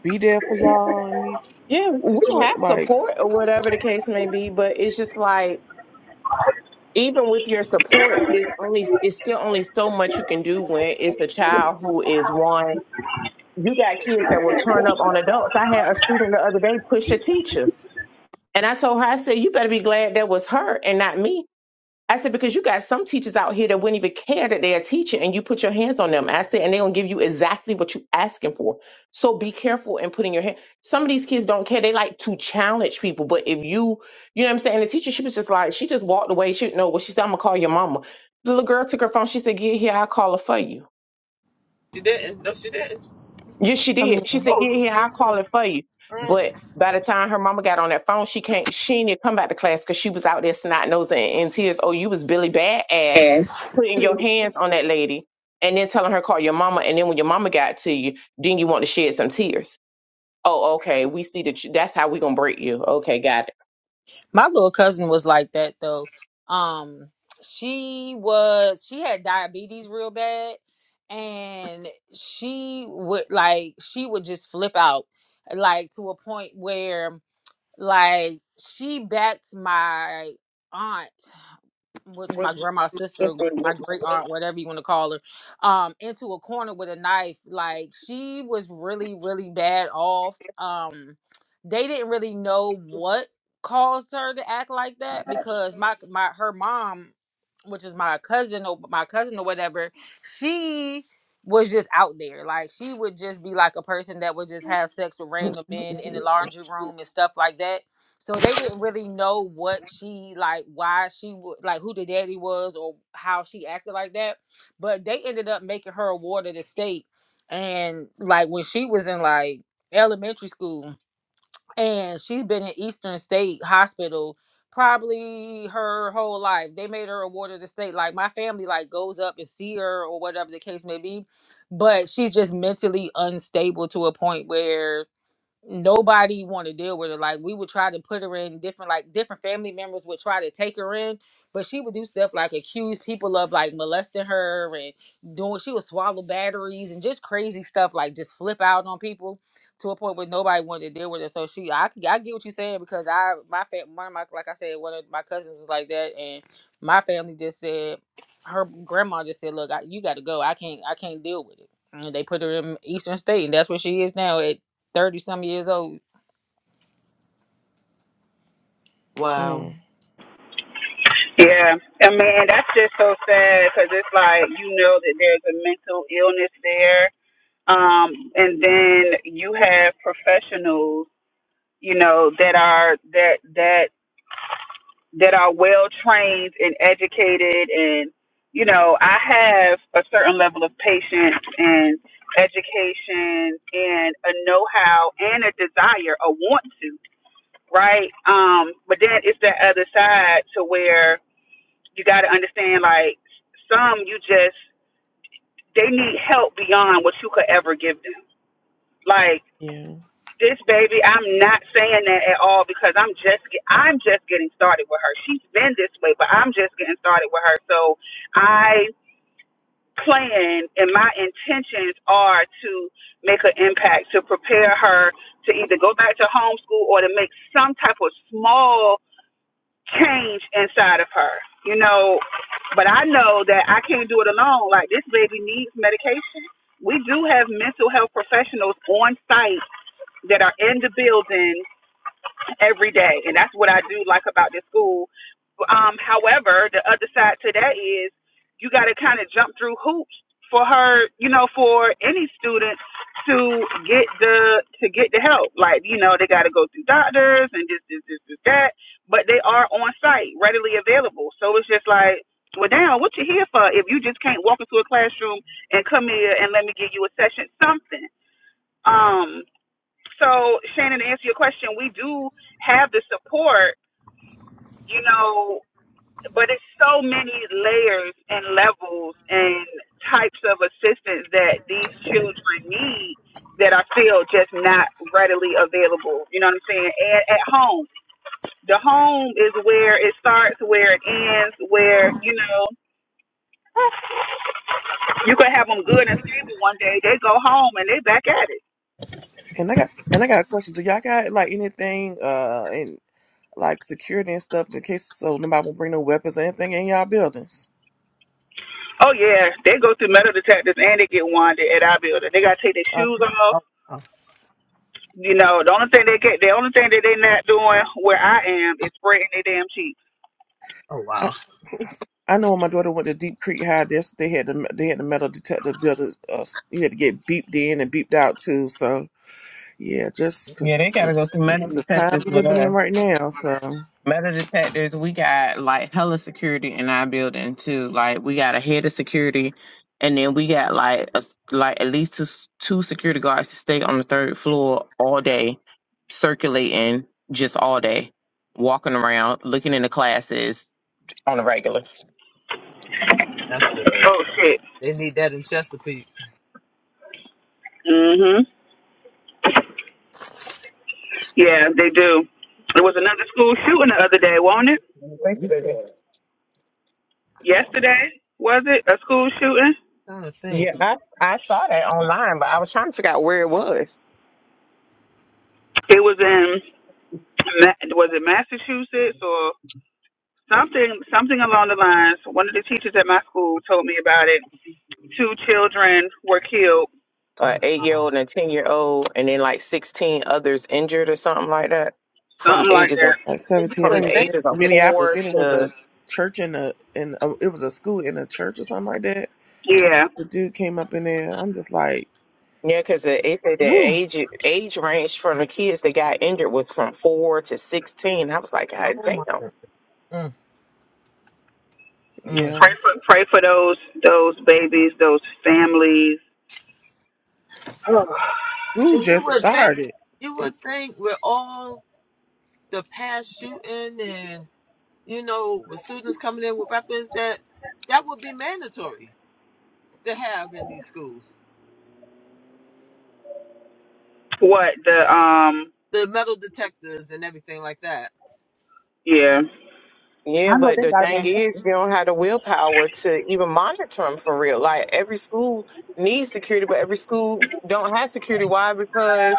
be there for y'all in these Yeah, we situations? have Like, support or whatever the case may be, but it's just like even with your support, it's only it's still only so much you can do when it's a child who is one. You got kids that will turn up on adults. I had a student the other day push a teacher, and I told her, I said, "You better be glad that was her and not me." I said, because you got some teachers out here that wouldn't even care that they're a teacher and you put your hands on them. I said, and they're going to give you exactly what you're asking for. So be careful in putting your hand. Some of these kids don't care. They like to challenge people. But if you, you know what I'm saying? The teacher, she was just like, she just walked away. She didn't know what she said. I'm going to call your mama. The little girl took her phone. She said, get here. I'll call her for you. She didn't. No, she didn't. Yes, she I did. mean, She said, "Yeah, Oh, yeah, I'll call mm, it for you." mm. But by the time her mama got on that phone, she can't. She didn't come back to class because she was out there snot nosing and in tears. Oh, you was Billy Badass Yes. putting your hands on that lady and then telling her call your mama. And then when your mama got to you, then you want to shed some tears. Oh, okay. We see that. You, that's how we gonna break you. Okay, got it. My little cousin was like that though. Um, she was she had diabetes real bad, and she would like she would just flip out, like to a point where like she backed my aunt which my grandma's sister, gr- my great aunt, whatever you want to call her, um, into a corner with a knife. Like she was really, really bad off. Um, they didn't really know what caused her to act like that because my my her mom, which is my cousin or my cousin or whatever, she was just out there. Like she would just be like a person that would just have sex with random men in the laundry room and stuff like that so they didn't really know what she like, why she would like, who the daddy was, or how she acted like that. But they ended up making her a ward of the state, and like when she was in like elementary school, and she's been in Eastern State Hospital probably her whole life. They made her a ward of the state. Like my family like goes up and see her or whatever the case may be, but she's just mentally unstable to a point where nobody want to deal with her. Like we would try to put her in different, like different family members would try to take her in, but she would do stuff like accuse people of like molesting her and doing. She would swallow batteries and just crazy stuff, like just flip out on people to a point where nobody wanted to deal with her. So she, I, I get what you're saying because I, my fam, one of my, like I said, one of my cousins was like that, and my family just said her grandma just said, "Look, I, you got to go. I can't, I can't deal with it." And they put her in Eastern State, and that's where she is now. At thirty some years old, Wow. Mm, Yeah, and man, that's just so sad because it's like you know that there's a mental illness there, um, and then you have professionals, you know, that are that that that are well trained and educated and you know i have a certain level of patience and education and a know-how and a desire a want to right um but then it's that other side to where you got to understand like some you just they need help beyond what you could ever give them like. yeah. This baby, I'm not saying that at all because I'm just get- I'm just getting started with her. She's been this way, but I'm just getting started with her. So I plan and my intentions are to make an impact to prepare her to either go back to homeschool or to make some type of small change inside of her. You know, but I know that I can't do it alone. Like this baby needs medication. We do have mental health professionals on site that are in the building every day, and that's what I do like about this school. Um, however, the other side to that is you got to kind of jump through hoops for her, you know, for any student to get the to get the help. Like you know, they got to go through doctors and this, this, this, this, that. But they are on site, readily available. So it's just like. Well, damn, what you here for? If you just can't walk into a classroom and come here and let me give you a session, something. Um, so, Shannon, to answer your question, we do have the support, you know, but it's so many layers and levels and types of assistance that these children need that are still just not readily available. You know what I'm saying? At, at home, the home is where it starts, where it ends, where, you know, you could have them good and stable one day. They go home and they back at it. And I got and I got a question. Do y'all got like anything uh and like security and stuff in case so nobody will bring no weapons or anything in y'all buildings? Oh, yeah, they go through metal detectors and they get wanded at our building. They got to take their I, shoes off oh, oh, You know, the only thing they get, the only thing that they not doing where I am is spreading their damn cheeks. oh, I wow. I know when my daughter went to Deep Creek High, this they had the they had the metal detector builders. Uh, you had to get beeped in and beeped out too. So yeah, just Yeah, they because gotta go this through this metal is a detectors time we're with living in us. right now. So metal detectors. We got like hella security in our building too. Like we got a head of security, and then we got like a, like at least two two security guards to stay on the third floor all day, circulating just all day, walking around, looking in the classes on a regular. That's good. Oh shit. They need that in Chesapeake. Mhm. Yeah, they do. There was another school shooting the other day, wasn't it? Yesterday was it a school shooting? trying to Yeah, think. I I saw that online, but I was trying to figure out where it was. It was in Ma- was it Massachusetts or something something along the lines. One of the teachers at my school told me about it. Two children were killed, An Oh, eight year wow. old and a ten year old, and then like sixteen others injured or something like that from something the like ages of that. at And you seventeen, I from would think the it was think in ages of with, Minneapolis, four and it was to a church in a in a, it was a school in a church or something like that Yeah. The dude came up in there. I'm just like, Yeah, because they said the woo, age age range for the kids that got injured was from four to sixteen. I was like, oh God my damn. goodness. Mm, mm. yeah. Pray for pray for those those babies, those families Who And you just would think, started? you It, would think with all the past shooting and you know, with students coming in with weapons, that that would be mandatory to have in these schools. What the um The metal detectors and everything like that. yeah. Yeah, I know but they the got thing mental is, health. you don't have the willpower to even monitor them for real. Like every school needs security, but every school don't have security. Why? Because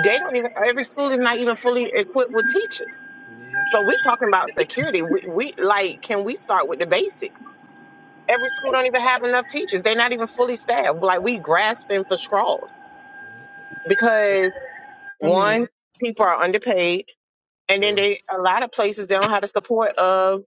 They don't even every school is not even fully equipped with teachers. Yeah, So we talking about security. We, we like can we start with the basics? Every school don't even have enough teachers. They're not even fully staffed. Like we grasping for straws yeah, because I one, mean, people are underpaid, and then sure. they a lot of places they don't have the support of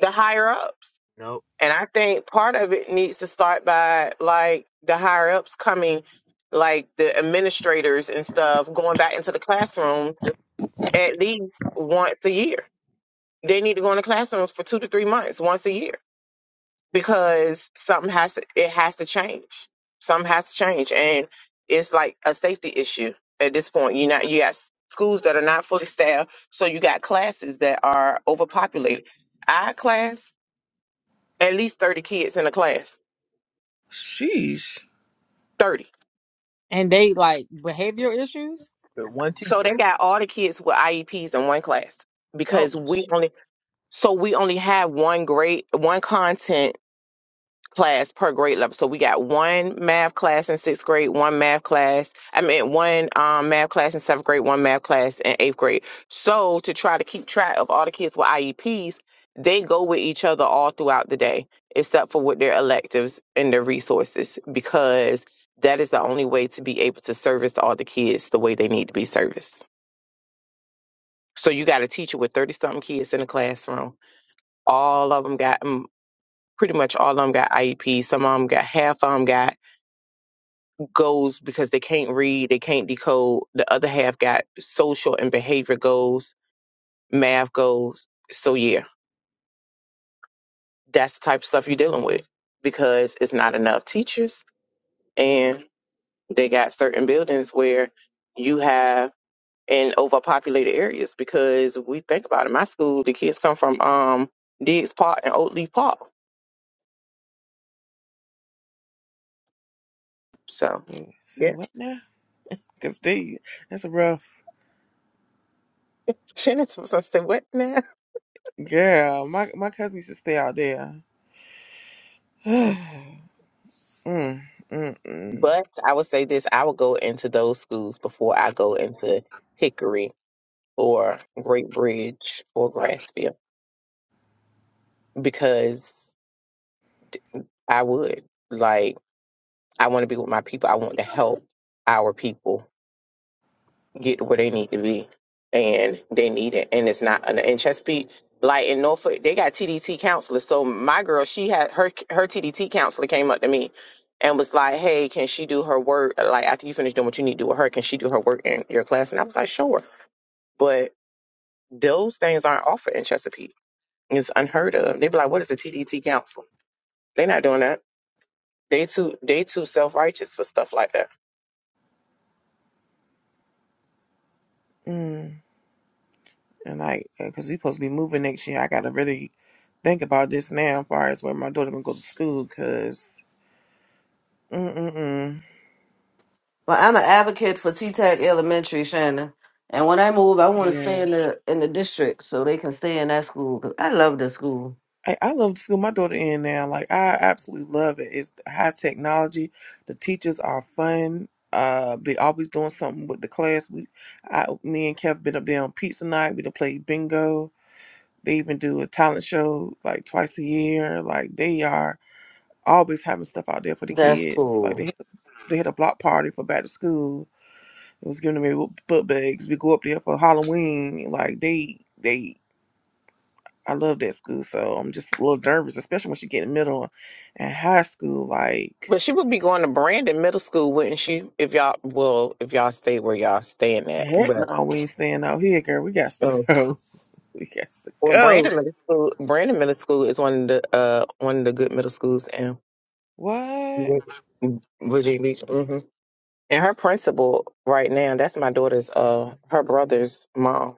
the higher ups. Nope. And I think part of it needs to start by like the higher ups coming like the administrators and stuff going back into the classroom at least once a year. They need to go into classrooms for two to three months, once a year, because something has to it has to change. Something has to change, and it's like a safety issue at this point. You not you got s- schools that are not fully staffed, so you got classes that are overpopulated. Our class, at least thirty kids in a class, sheesh. thirty. and they like behavior issues. But one So teacher. they got all the kids with IEPs in one class Oh, because we only so we only have one grade, one content class per grade level. So we got one math class in sixth grade, one math class, I mean, one um, math class in seventh grade, one math class in eighth grade. So to try to keep track of all the kids with IEPs, they go with each other all throughout the day, except for with their electives and their resources, because that is the only way to be able to service all the kids the way they need to be serviced. So you got a teacher with 30 something kids in the classroom. All of them got, mm, pretty much all of them got IEPs. Some of them got, half of them got goals because they can't read, they can't decode. The other half got social and behavior goals, math goals. So yeah, that's the type of stuff you're dealing with because it's not enough teachers and they got certain buildings where you have in overpopulated areas because we think about it. My school, the kids come from um Diggs Park and Oak Leaf Park. So Yeah, Say what now? Cause they, that's a rough Shannon was I say what now? girl. My my cousin used to stay out there. mm, mm, mm, But I would say this, I would go into those schools before I go into Hickory or Great Bridge or Grassfield because I would. Like, I want to be with my people. I want to help our people get to where they need to be. And they need it. And it's not, in Chesapeake, like in Norfolk, they got TDT counselors. So my girl, she had her, her TDT counselor came up to me and was like, hey, can she do her work? Like, after you finish doing what you need to do with her, can she do her work in your class? And I was like, sure. But those things aren't offered in Chesapeake It's unheard of. They be like, what is the TDT Council? They not doing that. They too they too self righteous for stuff like that. mm. And like, uh, cause we supposed to be moving next year. I gotta really think about this now, as far as where my daughter gonna go to school. Cause, mm, mm, mm. Well, I'm an advocate for T-Tech Elementary, Shannon. And when I move, I want to stay in Yes. the in the district so they can stay in that school because I love this school. I, I love the school my daughter in now. Like I absolutely love it. It's high technology. The teachers are fun. Uh, they always doing something with the class. We, I, me and Kev been up there on pizza night. We done played bingo. They even do a talent show like twice a year. Like they are always having stuff out there for the That's kids. Like cool. they had, they had a block party for back to school. It was giving them book bags. We go up there for Halloween. Like they they I love that school, so I'm just a little nervous, especially when she get in middle and high school. Like, But she would be going to Brandon Middle School, wouldn't she? If y'all well, if y'all stay where y'all staying at, heck but no, we ain't staying out here, girl. We got to um, go. We got to well, go. Brandon Middle School, Brandon Middle School is one of the uh one of the good middle schools in What? Virginia Beach. hmm And her principal right now, that's my daughter's uh her brother's mom.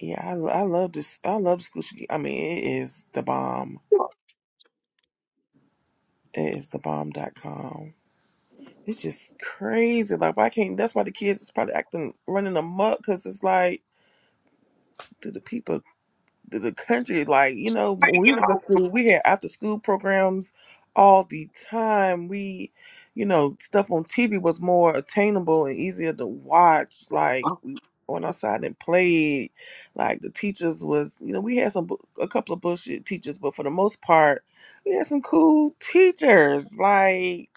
Yeah, I, I love this. I love the school. she- I mean, it is the bomb. It is the bomb. Dot com. It's just crazy. Like, why can't? That's why the kids is probably acting running amok because it's like, do the people the, the country. Like, you know, when we was in school, we had after school programs all the time. We, you know, stuff on TV was more attainable and easier to watch. Like, we went outside and played. Like, the teachers was, you know, we had some, bu- a couple of bullshit teachers, but for the most part, we had some cool teachers. Like,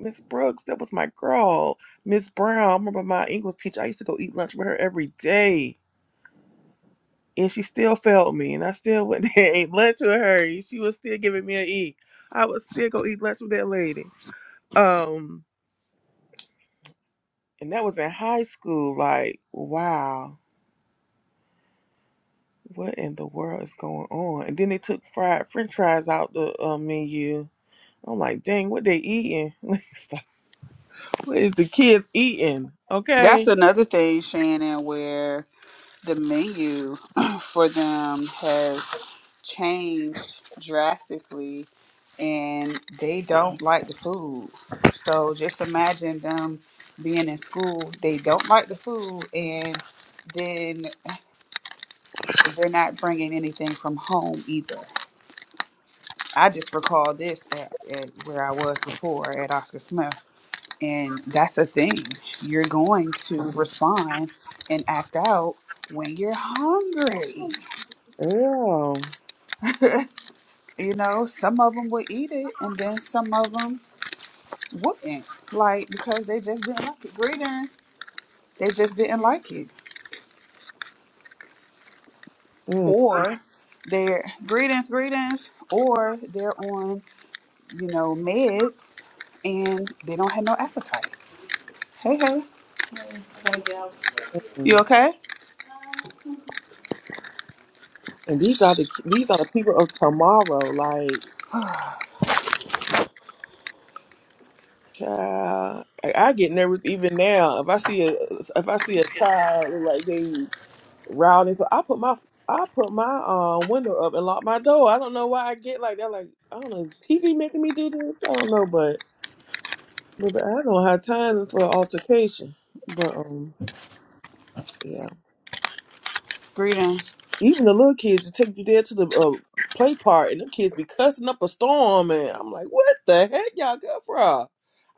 Miss Brooks, that was my girl. Miss Brown, I remember my English teacher. I used to go eat lunch with her every day and she still failed me, and I still went there and ate lunch with her. and She was still giving me an E. I would still go eat lunch with that lady. Um, and that was in high school. Like, wow, what in the world is going on? And then they took fried French fries out the uh, menu. I'm like, dang, what they eating? like, what is the kids eating? That's Okay. another thing, Shannon, where the menu for them has changed drastically and they don't like the food. So just imagine them being in school, they don't like the food and then they're not bringing anything from home either. I just recall this at, at where I was before at Oscar Smith. And that's the thing. You're going to respond and act out when you're hungry. Yeah. You know, some of them would eat it and then some of them wouldn't. Like, because they just didn't like it. Greetings. They just didn't like it. mm Or they're greetings, greetings. Or they're on, you know, meds and they don't have no appetite. Hey, hey. You And okay? these are the these are the people of tomorrow. Like. Child, I, I get nervous even now. If I see a if I see a child like they rowdy, so I put my I put my uh, window up and lock my door. I don't know why I get like that. Like I don't know, is TV making me do this? I don't know, but but, I don't have time for altercation. But um, yeah. greetings. Even the little kids to take you there to the uh, play part, and them kids be cussing up a storm, and I'm like, what the heck y'all good for? I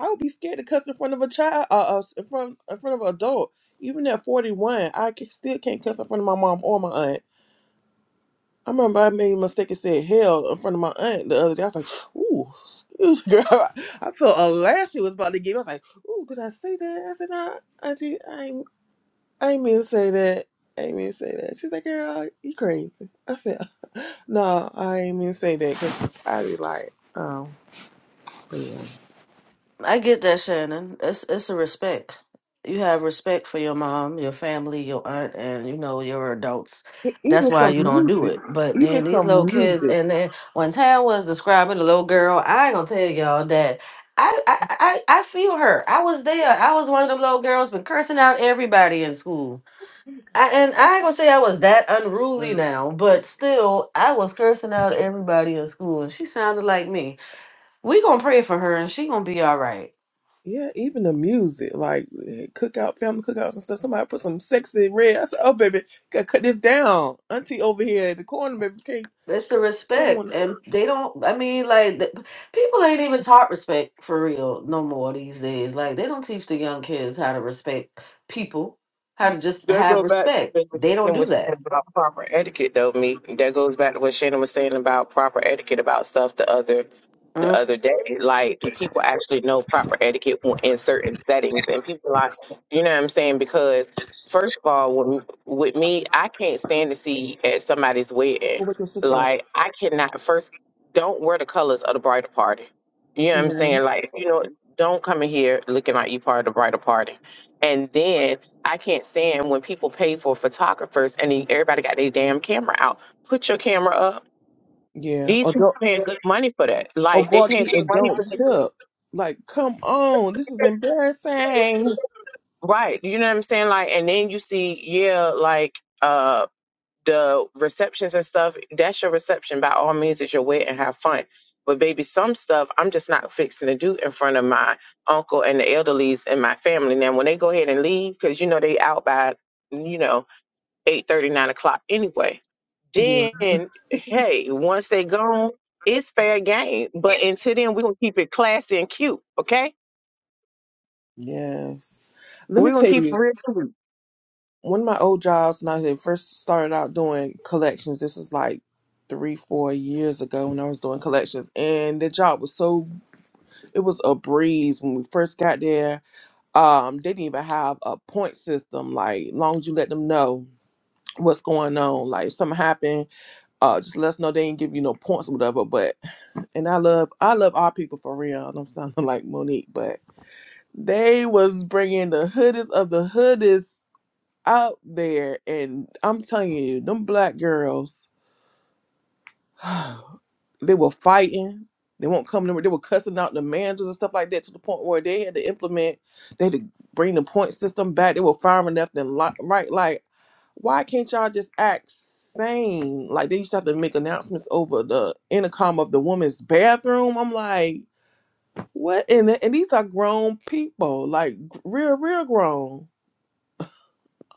would be scared to cuss in front of a child, uh, uh, in front in front of an adult. Even at 41, I ca- still can't cuss in front of my mom or my aunt. I remember I made a mistake and said hell in front of my aunt the other day. I was like, ooh, excuse me, girl. I felt a lash she was about to give. me. I was like, ooh, did I say that? I said, nah, auntie, I ain't, I ain't mean to say that. I ain't mean to say that. She's like, girl, you crazy. I said, no, I ain't even say that because I be like, um, but yeah. I get that, Shannon. It's it's a respect. You have respect for your mom, your family, your aunt, and you know your adults. E- That's Even why some you don't do music, it. But even then these little some kids, music. and then when Tam was describing the little girl, I ain't gonna tell y'all that. I, I I I feel her. I was there. I was one of them little girls, been cursing out everybody in school. I, and I ain't gonna say I was that unruly like, now, but still, I was cursing out everybody in school, and she sounded like me. We gonna pray for her, and she gonna be all right. Yeah, even the music, like eh, cookout, family cookouts and stuff. Somebody put some sexy red. I said, "Oh, baby, gotta cut this down." Auntie over here at the corner, baby, can't It's sh- the she don't respect, want to and they don't. I mean, like the, people ain't even taught respect for real no more these days. Like they don't teach the young kids how to respect people, how to just That have go back respect. to what They don't Shannon do was saying that. about proper etiquette, though. Me, that goes back to what Shannon was saying about proper etiquette about stuff the other, the hmm other day. Like, do people actually know proper etiquette when- in certain settings? And people like, you know what I'm saying? Because first of all, when, with me, I can't stand to see at somebody's wedding. go with your sister. up, Like, I cannot. First, don't wear the colors of the bridal party. You know what You I'm know? saying? Like, you know, don't come in here looking like you part of the bridal party. And then I can't stand when people pay for photographers and then everybody got their damn camera out. Put your camera up. Yeah. These Or people don't, paying good money for that. or Like they go out to paying eat good and money for don't these. tip. Like, come on, this is embarrassing. Right. You know what I'm saying? Like, and then you see, yeah, like uh the receptions and stuff, that's your reception. By all means, it's your way and have fun. But baby, some stuff I'm just not fixing to do in front of my uncle and the elderlies in my family. Now when they go ahead and leave, because you know they out by you know eight thirty, nine o'clock anyway. Yeah. Then, hey, once they gone, it's fair game. But until then, we're gonna keep it classy and cute, okay? Yes. Let me We're gonna tell keep it you, real cute. one of my old jobs when I had first started out doing collections, this was like three, four years ago when I was doing collections. And the job was so it was a breeze when we first got there. Um, they didn't even have a point system, like long as you let them know what's going on. Like if something happened, uh just let us know they didn't give you no points or whatever. But and I love I love our people for real. and I'm sounding like Monique, but they was bringing the hoodest of the hoodest out there and I'm telling you, them black girls, they were fighting. They won't come to they were cussing out the managers and stuff like that to the point where they had to implement, they had to bring the point system back. They were firing left and li- right. Like, why can't y'all just act sane? Like they used to have to make announcements over the intercom of the woman's bathroom. I'm like, what? And th- and these are grown people, like real, real grown.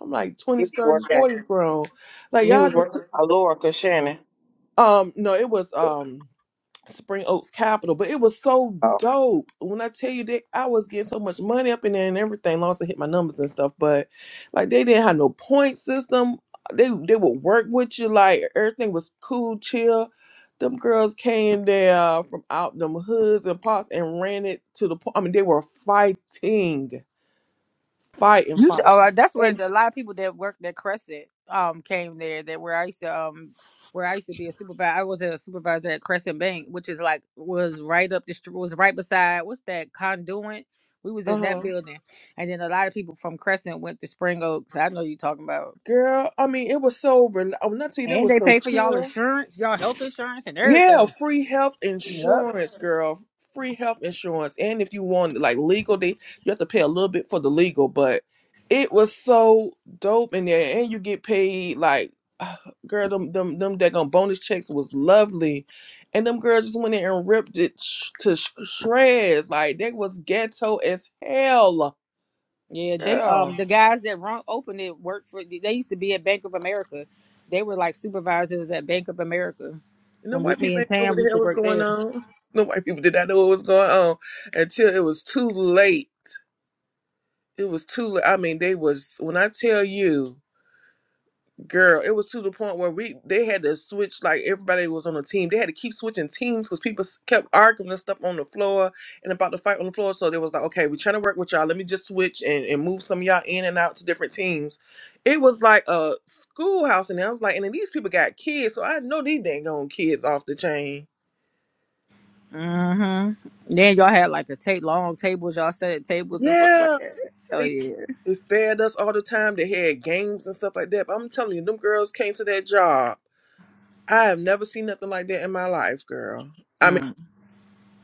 I'm like You 20s, was 30s, working. 40s grown. Like You y'all was just working. Alora, Shannon. Um, no, it was um Spring Oaks Capital, but it was so dope. When I tell you that I was getting so much money up in there and everything, long as I hit my numbers and stuff, but like they didn't have no point system. They they would work with you, like everything was cool, chill. Them girls came there from out them hoods and parts and ran it to the point. I mean, they were fighting, fighting, you t- fighting. oh, that's where And the, a lot of people that worked at Crescent um came there. That where I used to um where I used to be a supervisor. I was a supervisor at Crescent Bank, which is like was right up the street, was right beside what's that conduit. We was uh in that huh, building, and then a lot of people from Crescent went to Spring Oaks. I know you talking about, girl, I mean, it was so. Rel- I'm not tell you, they and were they so pay for y'all chill. insurance, y'all health insurance, and Yeah, everything. free health Yep. insurance, girl. Free health insurance. And if you want like legal, they you have to pay a little bit for the legal, but it was so dope in there. And you get paid like girl, them them them daggone bonus checks was lovely. And them girls just went in and ripped it sh- to sh- shreds. Like they was ghetto as hell. Yeah, they Girl. um the guys that run opened it worked for they used to be at Bank of America. They were like supervisors at Bank of America. And them When we white me people and ain't know Tam what we the used hell to was work going there. on. The white people did not know what was going on until it was too late. It was too. li- I mean, they was when I tell you, girl, it was to the point where we they had to switch. Like everybody was on a team. They had to keep switching teams because people s- kept arguing and stuff on the floor and about the fight on the floor. So they was like, okay, we trying to work with y'all. Let me just switch and, and move some of y'all in and out to different teams. It was like a schoolhouse, and I was like, and then these people got kids, so I know these dang on kids off the chain. hmm Then y'all had like a tape long tables, y'all set at tables or something like Yeah, that. Oh they yeah. they fed us all the time. They had games and stuff like that. But I'm telling you, them girls came to that job. I have never seen nothing like that in my life, girl. I mean, Mm.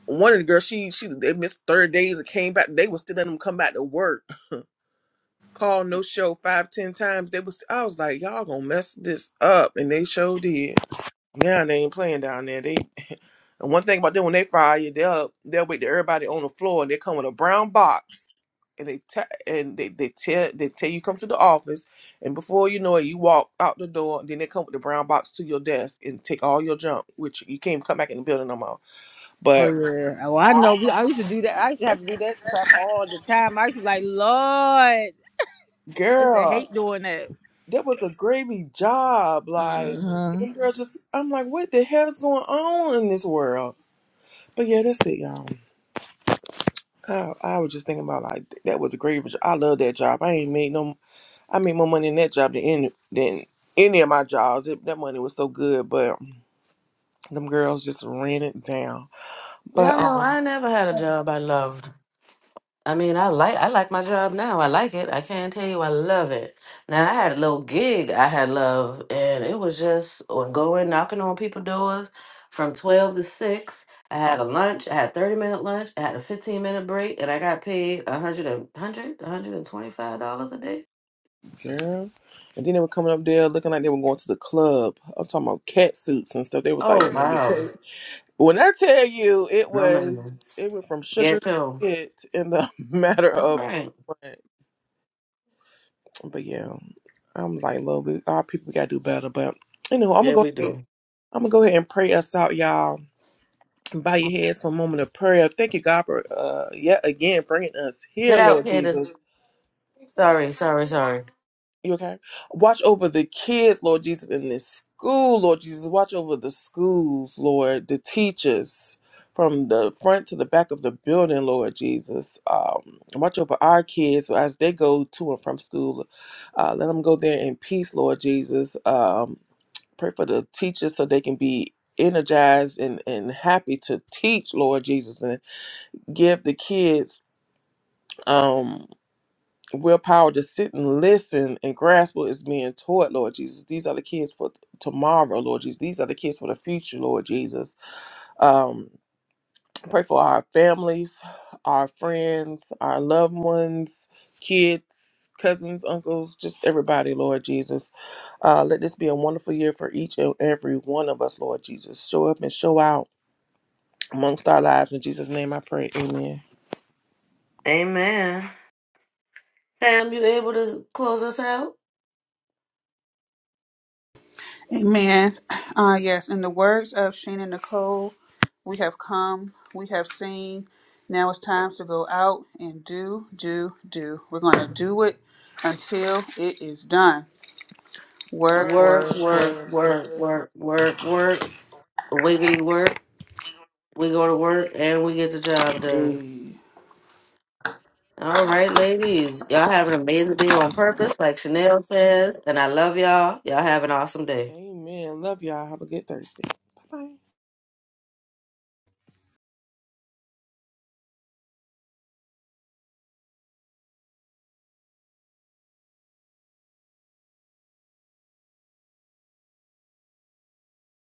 one of the girls, she she they missed thirty days and came back. They was still letting them come back to work. Call no show five ten times. They was I was like, y'all gonna mess this up, and they showed sure did. Now they ain't playing down there. They and one thing about them when they fire you, they'll they'll wait to everybody on the floor and they come with a brown box and they te- and they, they tell they tell you come to the office and before you know it you walk out the door and then they come with the brown box to your desk and take all your junk which you can't come back in the building no more. Oh But yeah. Oh I know we I used to do that. I used to have to do that crap all the time. I used to be like, Lord I used to girl, hate doing that. that was a gravy job. Like hmm them girls just I'm like, what the hell is going on in this world? But yeah, that's it, y'all. I, I was just thinking about like that was a great. job. I love that job. I ain't made no. I made more money in that job than any, than any of my jobs. It, that money was so good, but them girls just ran it down. Y'all But know um, I never had a job I loved. I mean, I like I like my job now. I like it. I can't tell you I love it. Now I had a little gig I had love, and it was just or going knocking on people's doors from twelve to six. I had a lunch. I had a thirty minute lunch. I had a fifteen minute break, and I got paid a hundred and hundred, a hundred and twenty five dollars a day. girl, and then they were coming up there looking like they were going to the club. I'm talking about cat suits and stuff. They was like, Oh "Man, you wow! can't-" when I tell you, it No man, was it went from sugar get to 'em. shit in the matter all of. right. But, but yeah, I'm like, little bit. Our people gotta do better. But anyway, I'm gonna Yeah, go we ahead. do. I'm gonna go ahead and pray us out, y'all. Bow your heads for a moment of prayer. Thank you, God, for uh, yet again bringing us Get here, out, Lord Candace. Jesus. Sorry, sorry, sorry. You okay? Watch over the kids, Lord Jesus, in this school, Lord Jesus. Watch over the schools, Lord, the teachers from the front to the back of the building, Lord Jesus. Um, watch over our kids as they go to and from school. Uh, let them go there in peace, Lord Jesus. Um, pray for the teachers so they can be energized and, and happy to teach, Lord Jesus, and give the kids. Um, willpower to sit and listen and grasp what is being taught, Lord Jesus. These are the kids for tomorrow, Lord Jesus. These are the kids for the future, Lord Jesus. Um, pray for our families, our friends, our loved ones, kids, cousins, uncles, just everybody, Lord Jesus. Uh, let this be a wonderful year for each and every one of us, Lord Jesus. Show up and show out amongst our lives. In Jesus' name I pray. Amen. Amen. Sam, you able to close us out? Amen. Uh, yes, in the words of Sheena Nicole, we have come, we have seen. Now it's time to go out and do, do, do. We're going to do it until it is done. work, Work, work, work, work, work, work. work, work, work. Wiggity work. We go to work and we get the job done. word. All right, ladies. Y'all have an amazing day on purpose, like Chanel says. And I love y'all. Y'all have an awesome day. Amen. Love y'all. Have a good Thursday. Bye bye.